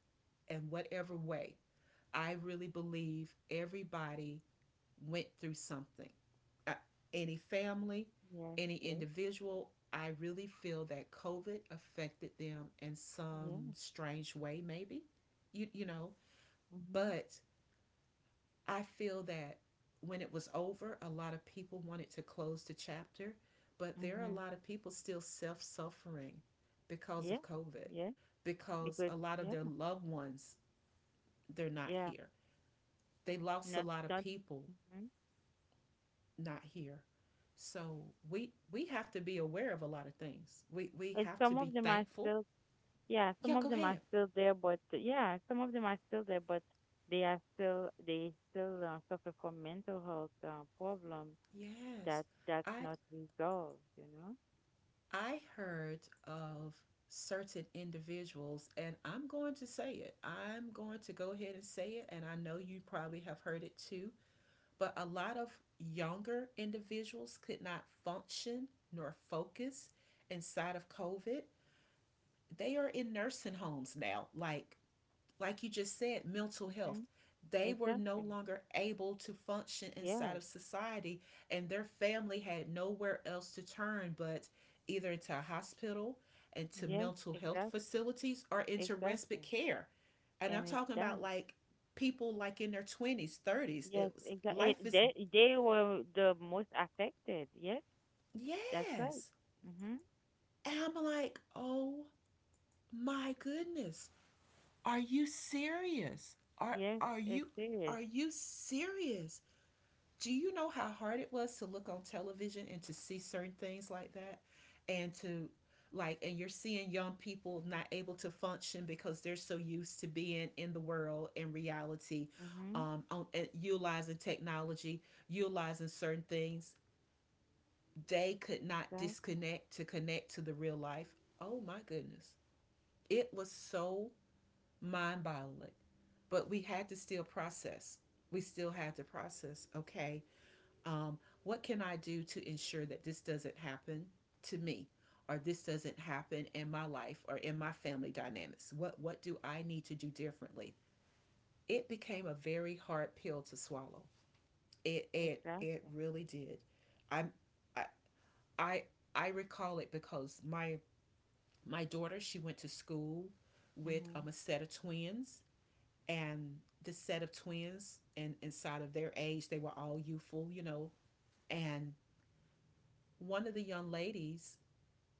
[SPEAKER 1] and whatever way. I really believe everybody went through something, uh, any family,
[SPEAKER 2] yes,
[SPEAKER 1] any
[SPEAKER 2] yes.
[SPEAKER 1] individual. I really feel that COVID affected them in some
[SPEAKER 2] Yeah.
[SPEAKER 1] strange way, maybe, you know.
[SPEAKER 2] Mhm,
[SPEAKER 1] But I feel that when it was over, a lot of people wanted to close the chapter, but there are
[SPEAKER 2] mhm.
[SPEAKER 1] a lot of people still self suffering because
[SPEAKER 2] Yeah,
[SPEAKER 1] of COVID,
[SPEAKER 2] yeah,
[SPEAKER 1] because
[SPEAKER 2] because
[SPEAKER 1] a lot
[SPEAKER 2] yeah,
[SPEAKER 1] of their loved ones, they're not
[SPEAKER 2] yeah,
[SPEAKER 1] here. They lost a
[SPEAKER 2] not
[SPEAKER 1] lot of
[SPEAKER 2] not.
[SPEAKER 1] people
[SPEAKER 2] Hmm.
[SPEAKER 1] not here. So we have to be aware of a lot of things. We
[SPEAKER 2] And
[SPEAKER 1] have
[SPEAKER 2] some
[SPEAKER 1] to
[SPEAKER 2] of
[SPEAKER 1] be
[SPEAKER 2] them are
[SPEAKER 1] thankful.
[SPEAKER 2] still, yeah, some
[SPEAKER 1] Yeah,
[SPEAKER 2] of
[SPEAKER 1] go
[SPEAKER 2] them are
[SPEAKER 1] ahead.
[SPEAKER 2] still there, but yeah, some of them are still there, but they still suffer from mental health problem
[SPEAKER 1] Yes.
[SPEAKER 2] that's
[SPEAKER 1] I
[SPEAKER 2] not resolved, you know.
[SPEAKER 1] I heard of certain individuals, and I'm going to say it. I'm going to go ahead and say it, and I know you probably have heard it too, but a lot of younger individuals could not function nor focus inside of COVID. They are in nursing homes now, like you just said, mental health.
[SPEAKER 2] Hmm.
[SPEAKER 1] They were no
[SPEAKER 2] Exactly.
[SPEAKER 1] longer able to function inside of
[SPEAKER 2] Yes.
[SPEAKER 1] society, and their family had nowhere else to turn but either to a hospital and to
[SPEAKER 2] Yes.
[SPEAKER 1] mental health
[SPEAKER 2] Exactly.
[SPEAKER 1] facilities or into respite
[SPEAKER 2] Exactly.
[SPEAKER 1] care. And I'm
[SPEAKER 2] And it's
[SPEAKER 1] talking about
[SPEAKER 2] done.
[SPEAKER 1] like people like in their 20s, 30s.
[SPEAKER 2] Yes,
[SPEAKER 1] It was
[SPEAKER 2] exactly.
[SPEAKER 1] life is
[SPEAKER 2] They were the most affected. Yes, that's right.
[SPEAKER 1] yes.
[SPEAKER 2] Mm-hmm.
[SPEAKER 1] And I'm like, "Oh my goodness. Are you serious? Are
[SPEAKER 2] Yes,
[SPEAKER 1] are
[SPEAKER 2] it
[SPEAKER 1] you
[SPEAKER 2] is.
[SPEAKER 1] are you serious?" Do you know how hard it was to look on television and to see certain things like that, and to like and you're seeing young people not able to function because they're so used to being in the world in reality,
[SPEAKER 2] Mm-hmm.
[SPEAKER 1] on and utilizing technology, utilizing certain things. They could not
[SPEAKER 2] Right.
[SPEAKER 1] disconnect to connect to the real life. Oh my goodness, it was so mind-boggling. But we had to still process, we still had to process, okay, um, what can I do to ensure that this doesn't happen to me? Or this doesn't happen in my life or in my family dynamics. What do I need to do differently? It became a very hard pill to swallow. It
[SPEAKER 2] Exactly.
[SPEAKER 1] really did. I I I I recall it because my daughter she went to school with
[SPEAKER 2] Mm-hmm.
[SPEAKER 1] a set of twins and the set of twins and inside of their age they were all youthful, you know, and one of the young ladies,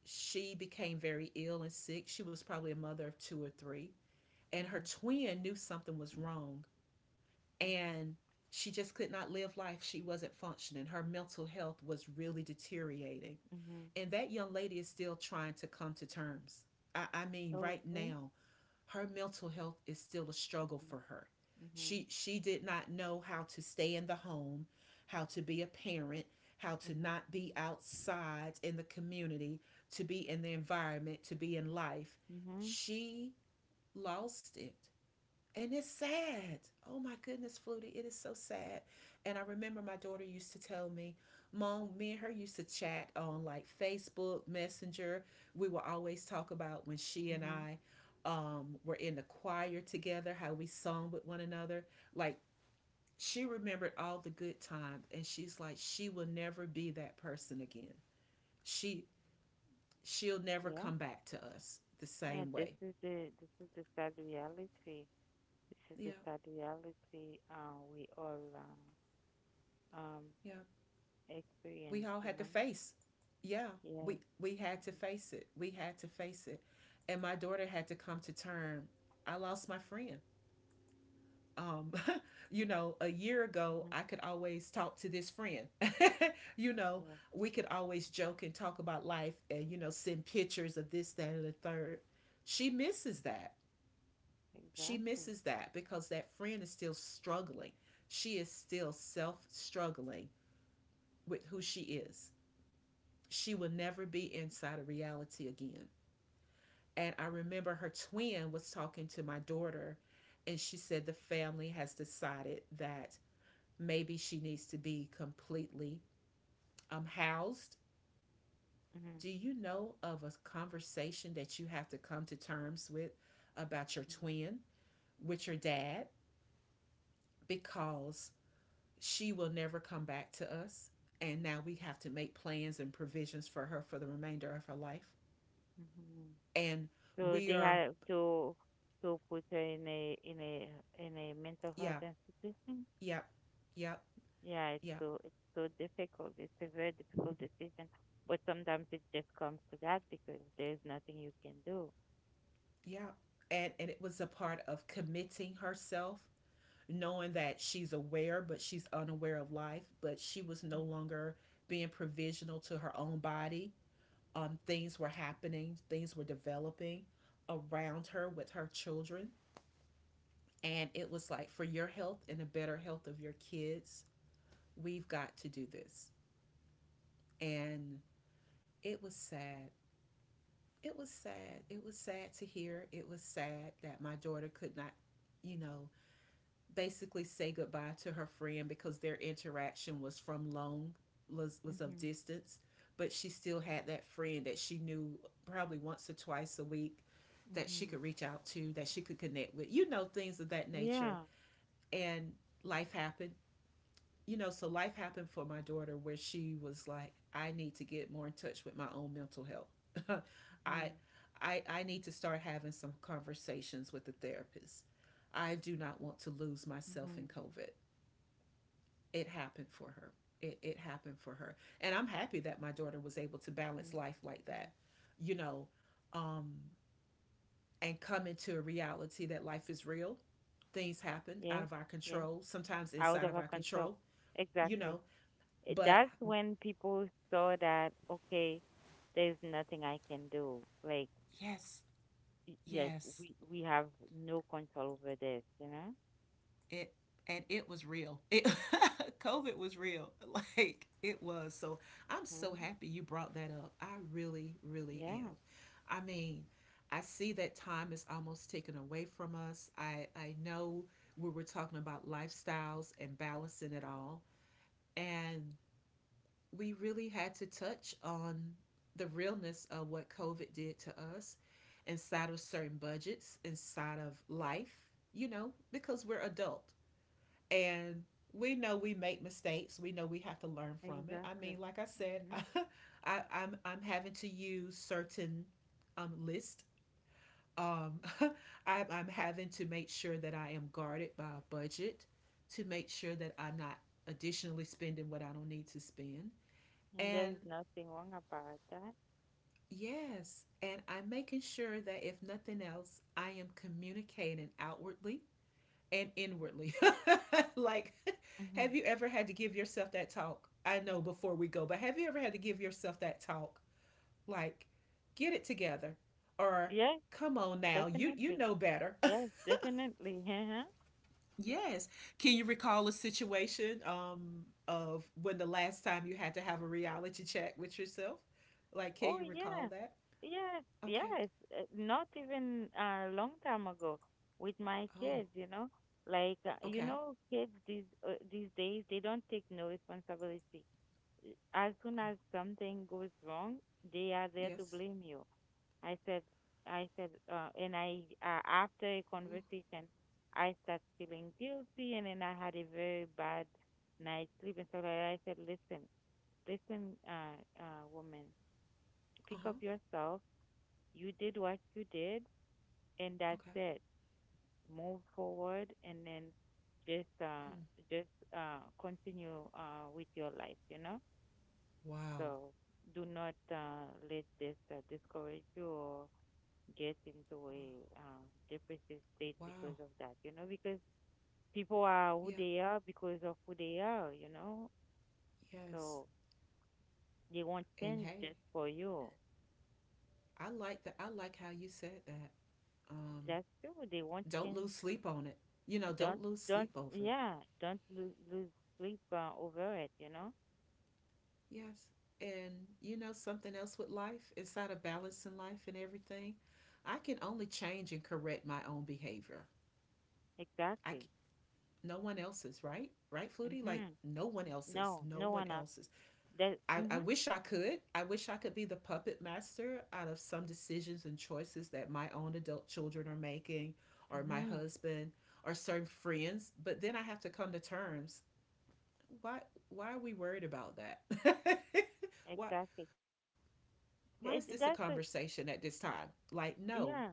[SPEAKER 1] she became very ill and sick. She was probably a mother of two or three, and her
[SPEAKER 2] Mm-hmm.
[SPEAKER 1] twin knew something was wrong.
[SPEAKER 2] Mm-hmm.
[SPEAKER 1] And she just could not live life. She wasn't functioning. Her mental health was really deteriorating.
[SPEAKER 2] Mm-hmm.
[SPEAKER 1] And that young lady is still trying to come to terms. I mean,
[SPEAKER 2] Oh,
[SPEAKER 1] right
[SPEAKER 2] really?
[SPEAKER 1] now, her mental health is still a struggle for
[SPEAKER 2] Mm-hmm.
[SPEAKER 1] her.
[SPEAKER 2] Mm-hmm.
[SPEAKER 1] She did not know how to stay in the home, how to be a parent, how to
[SPEAKER 2] Mm-hmm.
[SPEAKER 1] not be outside in the community, to be in the environment, to be in life.
[SPEAKER 2] Mm-hmm.
[SPEAKER 1] She lost it. And it's sad. Oh my goodness, Flutie, it is so sad. And I remember my daughter used to tell me, Mom, me and her used to chat on like Facebook, Messenger. We would always talk about when she and
[SPEAKER 2] Mm-hmm.
[SPEAKER 1] I were in the choir together, how we sung with one another. Like she remembered all the good times, and she's like, she will never be that person again. She she'll never
[SPEAKER 2] Yeah.
[SPEAKER 1] come back to us the
[SPEAKER 2] Yeah.
[SPEAKER 1] same
[SPEAKER 2] This
[SPEAKER 1] way.
[SPEAKER 2] is the this is the sad reality. This is
[SPEAKER 1] Yeah,
[SPEAKER 2] the sad reality, we all, um
[SPEAKER 1] yeah, we
[SPEAKER 2] experience,
[SPEAKER 1] all
[SPEAKER 2] you
[SPEAKER 1] had to
[SPEAKER 2] know?
[SPEAKER 1] face. Yeah,
[SPEAKER 2] Yes.
[SPEAKER 1] we had to
[SPEAKER 2] And
[SPEAKER 1] face it. We had to face it, and my daughter had to come to term. I lost my friend. Um, you know, a year ago, I
[SPEAKER 2] mm-hmm.
[SPEAKER 1] could always talk to this friend. you know,
[SPEAKER 2] Yeah.
[SPEAKER 1] we could always joke and talk about life, and you know, send pictures of this, that, and the third. She misses that. She
[SPEAKER 2] Exactly.
[SPEAKER 1] misses that because that friend is still struggling. She is still self struggling with who she is she will never be inside of reality again. And I remember her twin was talking to my daughter, and she said the family has decided that maybe she needs to be completely housed.
[SPEAKER 2] Mm-hmm.
[SPEAKER 1] Do you know of a conversation that you have to come to terms with about your twin with your dad? Because she will never come back to us. And now we have to make plans and provisions for her for the remainder of her life.
[SPEAKER 2] Mm-hmm.
[SPEAKER 1] And
[SPEAKER 2] So
[SPEAKER 1] we
[SPEAKER 2] they
[SPEAKER 1] are,
[SPEAKER 2] have to put her in a mental health
[SPEAKER 1] yeah.
[SPEAKER 2] institution.
[SPEAKER 1] Yep. Yep.
[SPEAKER 2] Yeah, it's
[SPEAKER 1] Yep.
[SPEAKER 2] so, it's so difficult. It's a very difficult decision, but sometimes it just comes to that because there's nothing you can do.
[SPEAKER 1] Yep. And it was a part of committing herself, knowing that she's aware but she's unaware of life, but she was no longer being provisional to her own body. Things were happening, things were developing around her with her children, and it was like for your health and the better health of your kids, we've got to do this. And it was sad. It was sad. It was sad to hear. It was sad that my daughter could not, you know, basically say goodbye to her friend because their interaction was from long was of
[SPEAKER 2] Mm-hmm.
[SPEAKER 1] distance, but she still had that friend that she knew probably once or twice a week that she
[SPEAKER 2] Mm-hmm.
[SPEAKER 1] could reach out to, that she could connect with. You know, things of that nature.
[SPEAKER 2] Yeah.
[SPEAKER 1] And life happened, you know, so life happened for my daughter where she was like, I need to get more in touch with my own mental health.
[SPEAKER 2] Mm-hmm.
[SPEAKER 1] I, I need to start having some conversations with the therapist. I do not want to lose myself
[SPEAKER 2] Mm-hmm.
[SPEAKER 1] in COVID. It happened for her. It happened for her. And I'm happy that my daughter was able to balance life like
[SPEAKER 2] Mm-hmm.
[SPEAKER 1] that, you know, um, and come into a reality that life is real. Things happen out
[SPEAKER 2] Yes.
[SPEAKER 1] of our
[SPEAKER 2] Yes.
[SPEAKER 1] control, sometimes
[SPEAKER 2] Out
[SPEAKER 1] inside
[SPEAKER 2] of
[SPEAKER 1] of
[SPEAKER 2] our
[SPEAKER 1] our
[SPEAKER 2] control.
[SPEAKER 1] control, you
[SPEAKER 2] Exactly.
[SPEAKER 1] know, but
[SPEAKER 2] That's when people saw that, okay, there's nothing I can do. Like,
[SPEAKER 1] yes,
[SPEAKER 2] Yeah,
[SPEAKER 1] yes.
[SPEAKER 2] we have no control over this, you know?
[SPEAKER 1] It and it was real. COVID was real. Like it was. So I'm so
[SPEAKER 2] Hmm.
[SPEAKER 1] happy you brought that up. I really, really
[SPEAKER 2] Yeah,
[SPEAKER 1] am. I mean, I see that time is almost taken away from us. I know we were talking about lifestyles and balancing it all. And we really had to touch on the realness of what COVID did to us inside of certain budgets, inside of life, you know, because we're adult and we know we make mistakes. We know we have to learn from it. I
[SPEAKER 2] exactly.
[SPEAKER 1] mean, like I said,
[SPEAKER 2] Hmm.
[SPEAKER 1] I'm having to use certain list. Um, I'm having to make sure that I am guarded by a budget to make sure that I'm not additionally spending what I don't need to spend.
[SPEAKER 2] And there
[SPEAKER 1] And
[SPEAKER 2] is nothing wrong about that.
[SPEAKER 1] yes, and I'm making sure that if nothing else, I am communicating outwardly and inwardly. like,
[SPEAKER 2] Hmm.
[SPEAKER 1] have you ever had to give yourself that talk? I know before we go, but have you ever had to give yourself that talk? Like, get it together or
[SPEAKER 2] Yes,
[SPEAKER 1] come on now, you
[SPEAKER 2] definitely.
[SPEAKER 1] know better.
[SPEAKER 2] Yes, definitely. Uh-huh.
[SPEAKER 1] Yes. Can you recall a situation of when the last time you had to have a reality check with yourself? Like,
[SPEAKER 2] Oh,
[SPEAKER 1] can you
[SPEAKER 2] yeah.
[SPEAKER 1] recall that?
[SPEAKER 2] Yes,
[SPEAKER 1] Okay.
[SPEAKER 2] yes. Not even a long time ago, with my
[SPEAKER 1] Oh,
[SPEAKER 2] kids, you know? Like,
[SPEAKER 1] okay.
[SPEAKER 2] kids these days, they don't take no responsibility. As soon
[SPEAKER 1] Oh,
[SPEAKER 2] as something goes wrong, they are there to
[SPEAKER 1] yes.
[SPEAKER 2] blame you. I said, and I, after a conversation, I start feeling guilty, and then I had a very bad night's sleep. And so like, I said, listen, listen, woman,
[SPEAKER 1] Uh
[SPEAKER 2] pick up
[SPEAKER 1] huh.
[SPEAKER 2] yourself. You did what you did, and that's
[SPEAKER 1] Okay.
[SPEAKER 2] it. Move forward, and then just, uh,
[SPEAKER 1] Mm.
[SPEAKER 2] just, continue, with your life, you know?
[SPEAKER 1] Wow.
[SPEAKER 2] So do not, let this, discourage you or get into
[SPEAKER 1] Wow.
[SPEAKER 2] a depressive state
[SPEAKER 1] Wow.
[SPEAKER 2] because of that, you know, because people are who
[SPEAKER 1] Yeah.
[SPEAKER 2] they are because of who they are, you know,
[SPEAKER 1] Yes.
[SPEAKER 2] so they won't
[SPEAKER 1] And
[SPEAKER 2] change
[SPEAKER 1] hey,
[SPEAKER 2] just for you.
[SPEAKER 1] I like that. I like how you said that. Um,
[SPEAKER 2] That's true. They won't
[SPEAKER 1] don't
[SPEAKER 2] change.
[SPEAKER 1] lose sleep on it. You know,
[SPEAKER 2] Don't,
[SPEAKER 1] don't lose
[SPEAKER 2] don't,
[SPEAKER 1] sleep over it.
[SPEAKER 2] yeah, don't lose sleep over it, you know,
[SPEAKER 1] Yes. And you know something else with life, inside of balance in life and everything, I can only change and correct my own behavior. I c-
[SPEAKER 2] exactly.
[SPEAKER 1] no one else's, right? Right, Flutie? Like
[SPEAKER 2] Mm-hmm.
[SPEAKER 1] no one else's,
[SPEAKER 2] No,
[SPEAKER 1] no
[SPEAKER 2] no
[SPEAKER 1] one
[SPEAKER 2] one else.
[SPEAKER 1] else's.
[SPEAKER 2] That,
[SPEAKER 1] I
[SPEAKER 2] mm-hmm,
[SPEAKER 1] wish I could. I wish I could be the puppet master out of some decisions and choices that my own adult children are making, or my
[SPEAKER 2] mm-hmm,
[SPEAKER 1] husband, or certain friends. But then I have to come to terms. Why? Why are we worried about that? Why?
[SPEAKER 2] exactly.
[SPEAKER 1] Why is this
[SPEAKER 2] It,
[SPEAKER 1] a
[SPEAKER 2] that's the,
[SPEAKER 1] conversation at this time? Like, no,
[SPEAKER 2] yeah.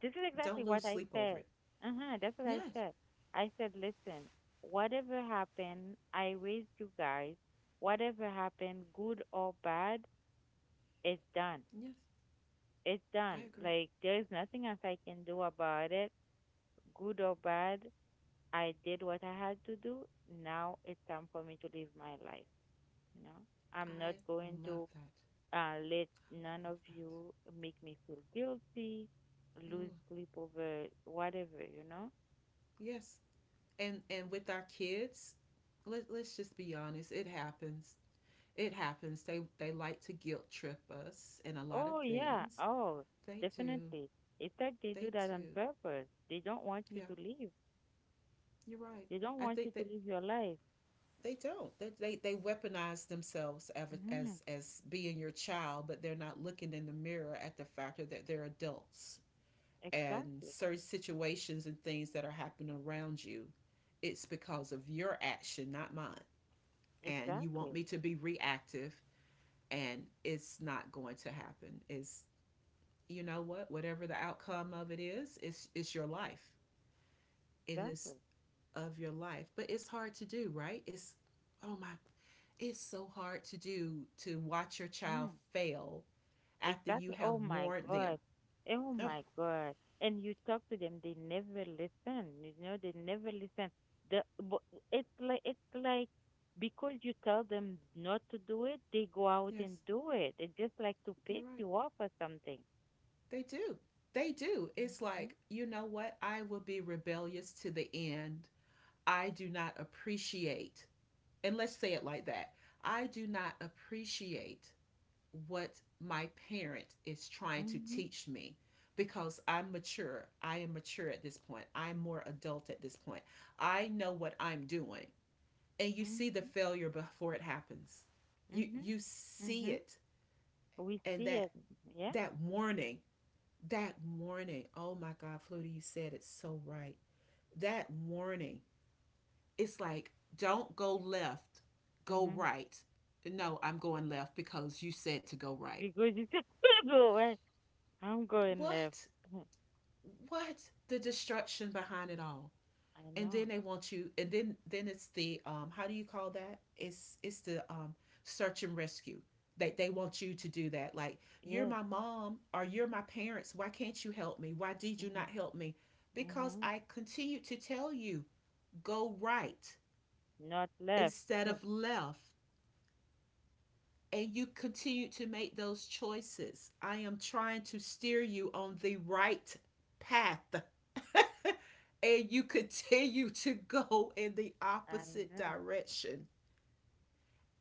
[SPEAKER 2] This is
[SPEAKER 1] don't
[SPEAKER 2] exactly
[SPEAKER 1] lose
[SPEAKER 2] what I
[SPEAKER 1] sleep over
[SPEAKER 2] said.
[SPEAKER 1] it.
[SPEAKER 2] Uh-huh, that's what I
[SPEAKER 1] Yes,
[SPEAKER 2] said. I said, listen, whatever happened, I raised you guys. Whatever happened, good or bad, it's done.
[SPEAKER 1] yes,
[SPEAKER 2] It's
[SPEAKER 1] I
[SPEAKER 2] done.
[SPEAKER 1] agree.
[SPEAKER 2] Like, there's nothing else I can do about it. Good or bad, I did what I had to do. Now it's time for me to live my life, you know? I'm not
[SPEAKER 1] I
[SPEAKER 2] going
[SPEAKER 1] love
[SPEAKER 2] to
[SPEAKER 1] that. I
[SPEAKER 2] let none
[SPEAKER 1] love
[SPEAKER 2] of
[SPEAKER 1] that.
[SPEAKER 2] you make me feel guilty, lose
[SPEAKER 1] Ooh,
[SPEAKER 2] sleep over whatever, you know?
[SPEAKER 1] yes, and with our kids, let's just be honest, it happens. It happens. They like to guilt trip us in a lot of
[SPEAKER 2] Oh, yeah.
[SPEAKER 1] things.
[SPEAKER 2] Oh,
[SPEAKER 1] They do.
[SPEAKER 2] definitely. It's like they do
[SPEAKER 1] They
[SPEAKER 2] that on
[SPEAKER 1] do.
[SPEAKER 2] purpose. They don't want you
[SPEAKER 1] Yeah,
[SPEAKER 2] to leave.
[SPEAKER 1] you're right.
[SPEAKER 2] They don't
[SPEAKER 1] I
[SPEAKER 2] want you
[SPEAKER 1] think
[SPEAKER 2] to
[SPEAKER 1] that
[SPEAKER 2] live your life.
[SPEAKER 1] they don't. They weaponize themselves as,
[SPEAKER 2] Hmm.
[SPEAKER 1] as being your child, but they're not looking in the mirror at the fact that they're adults and
[SPEAKER 2] Exactly.
[SPEAKER 1] certain situations and things that are happening around you. It's because of your action, not mine. And you want
[SPEAKER 2] Exactly.
[SPEAKER 1] me to be reactive and it's not going to happen. It's you know what, whatever the outcome of it is, it's your life. It is
[SPEAKER 2] Exactly.
[SPEAKER 1] of your life. But it's hard to do, right? It's oh my it's so hard to do to watch your child
[SPEAKER 2] Hmm.
[SPEAKER 1] fail after you
[SPEAKER 2] Exactly.
[SPEAKER 1] have
[SPEAKER 2] Oh my
[SPEAKER 1] warned them.
[SPEAKER 2] God. Oh
[SPEAKER 1] Oh,
[SPEAKER 2] my God. And you talk to them, they never listen. You know, they never listen. The But it's like, because you tell them not to do it, they go out
[SPEAKER 1] yes,
[SPEAKER 2] and do it. It's just like to
[SPEAKER 1] you're
[SPEAKER 2] piss
[SPEAKER 1] right.
[SPEAKER 2] you off or something.
[SPEAKER 1] They do. They do. It's
[SPEAKER 2] Mm-hmm.
[SPEAKER 1] like, you know what? I will be rebellious to the end. I do not appreciate, and let's say it like that I do not appreciate what my parent is trying to
[SPEAKER 2] Mm-hmm.
[SPEAKER 1] teach me because I'm mature. I am mature at this point. I'm more adult at this point. I know what I'm doing. And you see the
[SPEAKER 2] Mhm,
[SPEAKER 1] failure before it happens.
[SPEAKER 2] mhm,
[SPEAKER 1] You see
[SPEAKER 2] mhm.
[SPEAKER 1] it
[SPEAKER 2] We
[SPEAKER 1] and
[SPEAKER 2] see
[SPEAKER 1] that
[SPEAKER 2] it. Yeah.
[SPEAKER 1] that warning, that warning. Oh my God, Flutie, you said it so right. That warning. It's like don't go left, go
[SPEAKER 2] Mhm.
[SPEAKER 1] right. No, I'm going left because you said to go right.
[SPEAKER 2] Because it's a table. Right? I'm going left.
[SPEAKER 1] What? What the destruction behind it all
[SPEAKER 2] I
[SPEAKER 1] and
[SPEAKER 2] know.
[SPEAKER 1] then they want you and then it's the how do you call that it's the search and rescue they want you to do that like you're
[SPEAKER 2] Yes.
[SPEAKER 1] my mom or you're my parents why can't you help me why did you
[SPEAKER 2] Mhm.
[SPEAKER 1] not help me because
[SPEAKER 2] Mhm.
[SPEAKER 1] I continue to tell you go right
[SPEAKER 2] Not left.
[SPEAKER 1] instead of left and you continue to make those choices I am trying to steer you on the right path and you continue to go in the
[SPEAKER 2] I
[SPEAKER 1] opposite
[SPEAKER 2] know.
[SPEAKER 1] direction.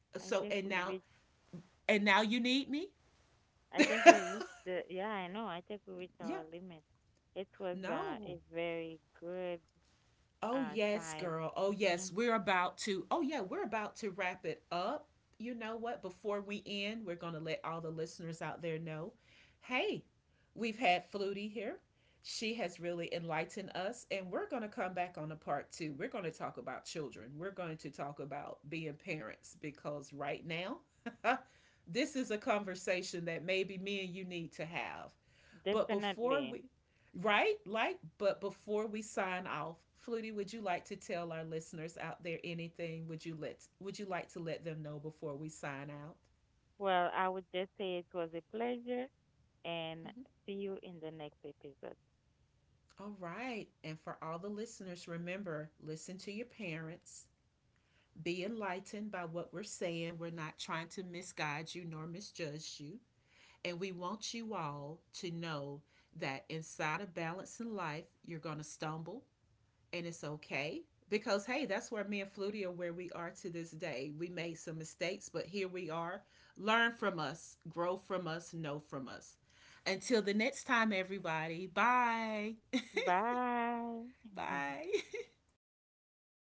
[SPEAKER 2] I think
[SPEAKER 1] So
[SPEAKER 2] we reach.
[SPEAKER 1] and now you need me?
[SPEAKER 2] I think we reached the. Yeah, I know. I think we reached our
[SPEAKER 1] Yeah.
[SPEAKER 2] limit. It was, a
[SPEAKER 1] No.
[SPEAKER 2] very good
[SPEAKER 1] Oh
[SPEAKER 2] time.
[SPEAKER 1] yes, girl. Oh
[SPEAKER 2] Mhm.
[SPEAKER 1] yes, we're about to. Oh yeah, we're about to wrap it up. You know what? Before we end, we're going to let all the listeners out there know, hey, we've had Flutie here. She has really enlightened us and we're going to come back on a part 2. We're going to talk about children. We're going to talk about being parents because right now this is a conversation that maybe me and you need to have but before
[SPEAKER 2] Definitely.
[SPEAKER 1] we, right? Like, but before we sign off, Flutie, would you like to tell our listeners out there anything? Would you like to let them know before we sign out?
[SPEAKER 2] Well, I would just say it was a pleasure, and
[SPEAKER 1] Mm-hmm.
[SPEAKER 2] see you in the next episode.
[SPEAKER 1] All right. And for all the listeners, remember, listen to your parents. Be enlightened by what we're saying. We're not trying to misguide you nor misjudge you. And we want you all to know that inside of balancing life, you're going to stumble, and it's okay because hey, that's where me and Flutie are where we are to this day. We made some mistakes, but here we are. Learn from us, grow from us, know from us. Until the next time, everybody. Bye.
[SPEAKER 2] Bye.
[SPEAKER 1] Bye.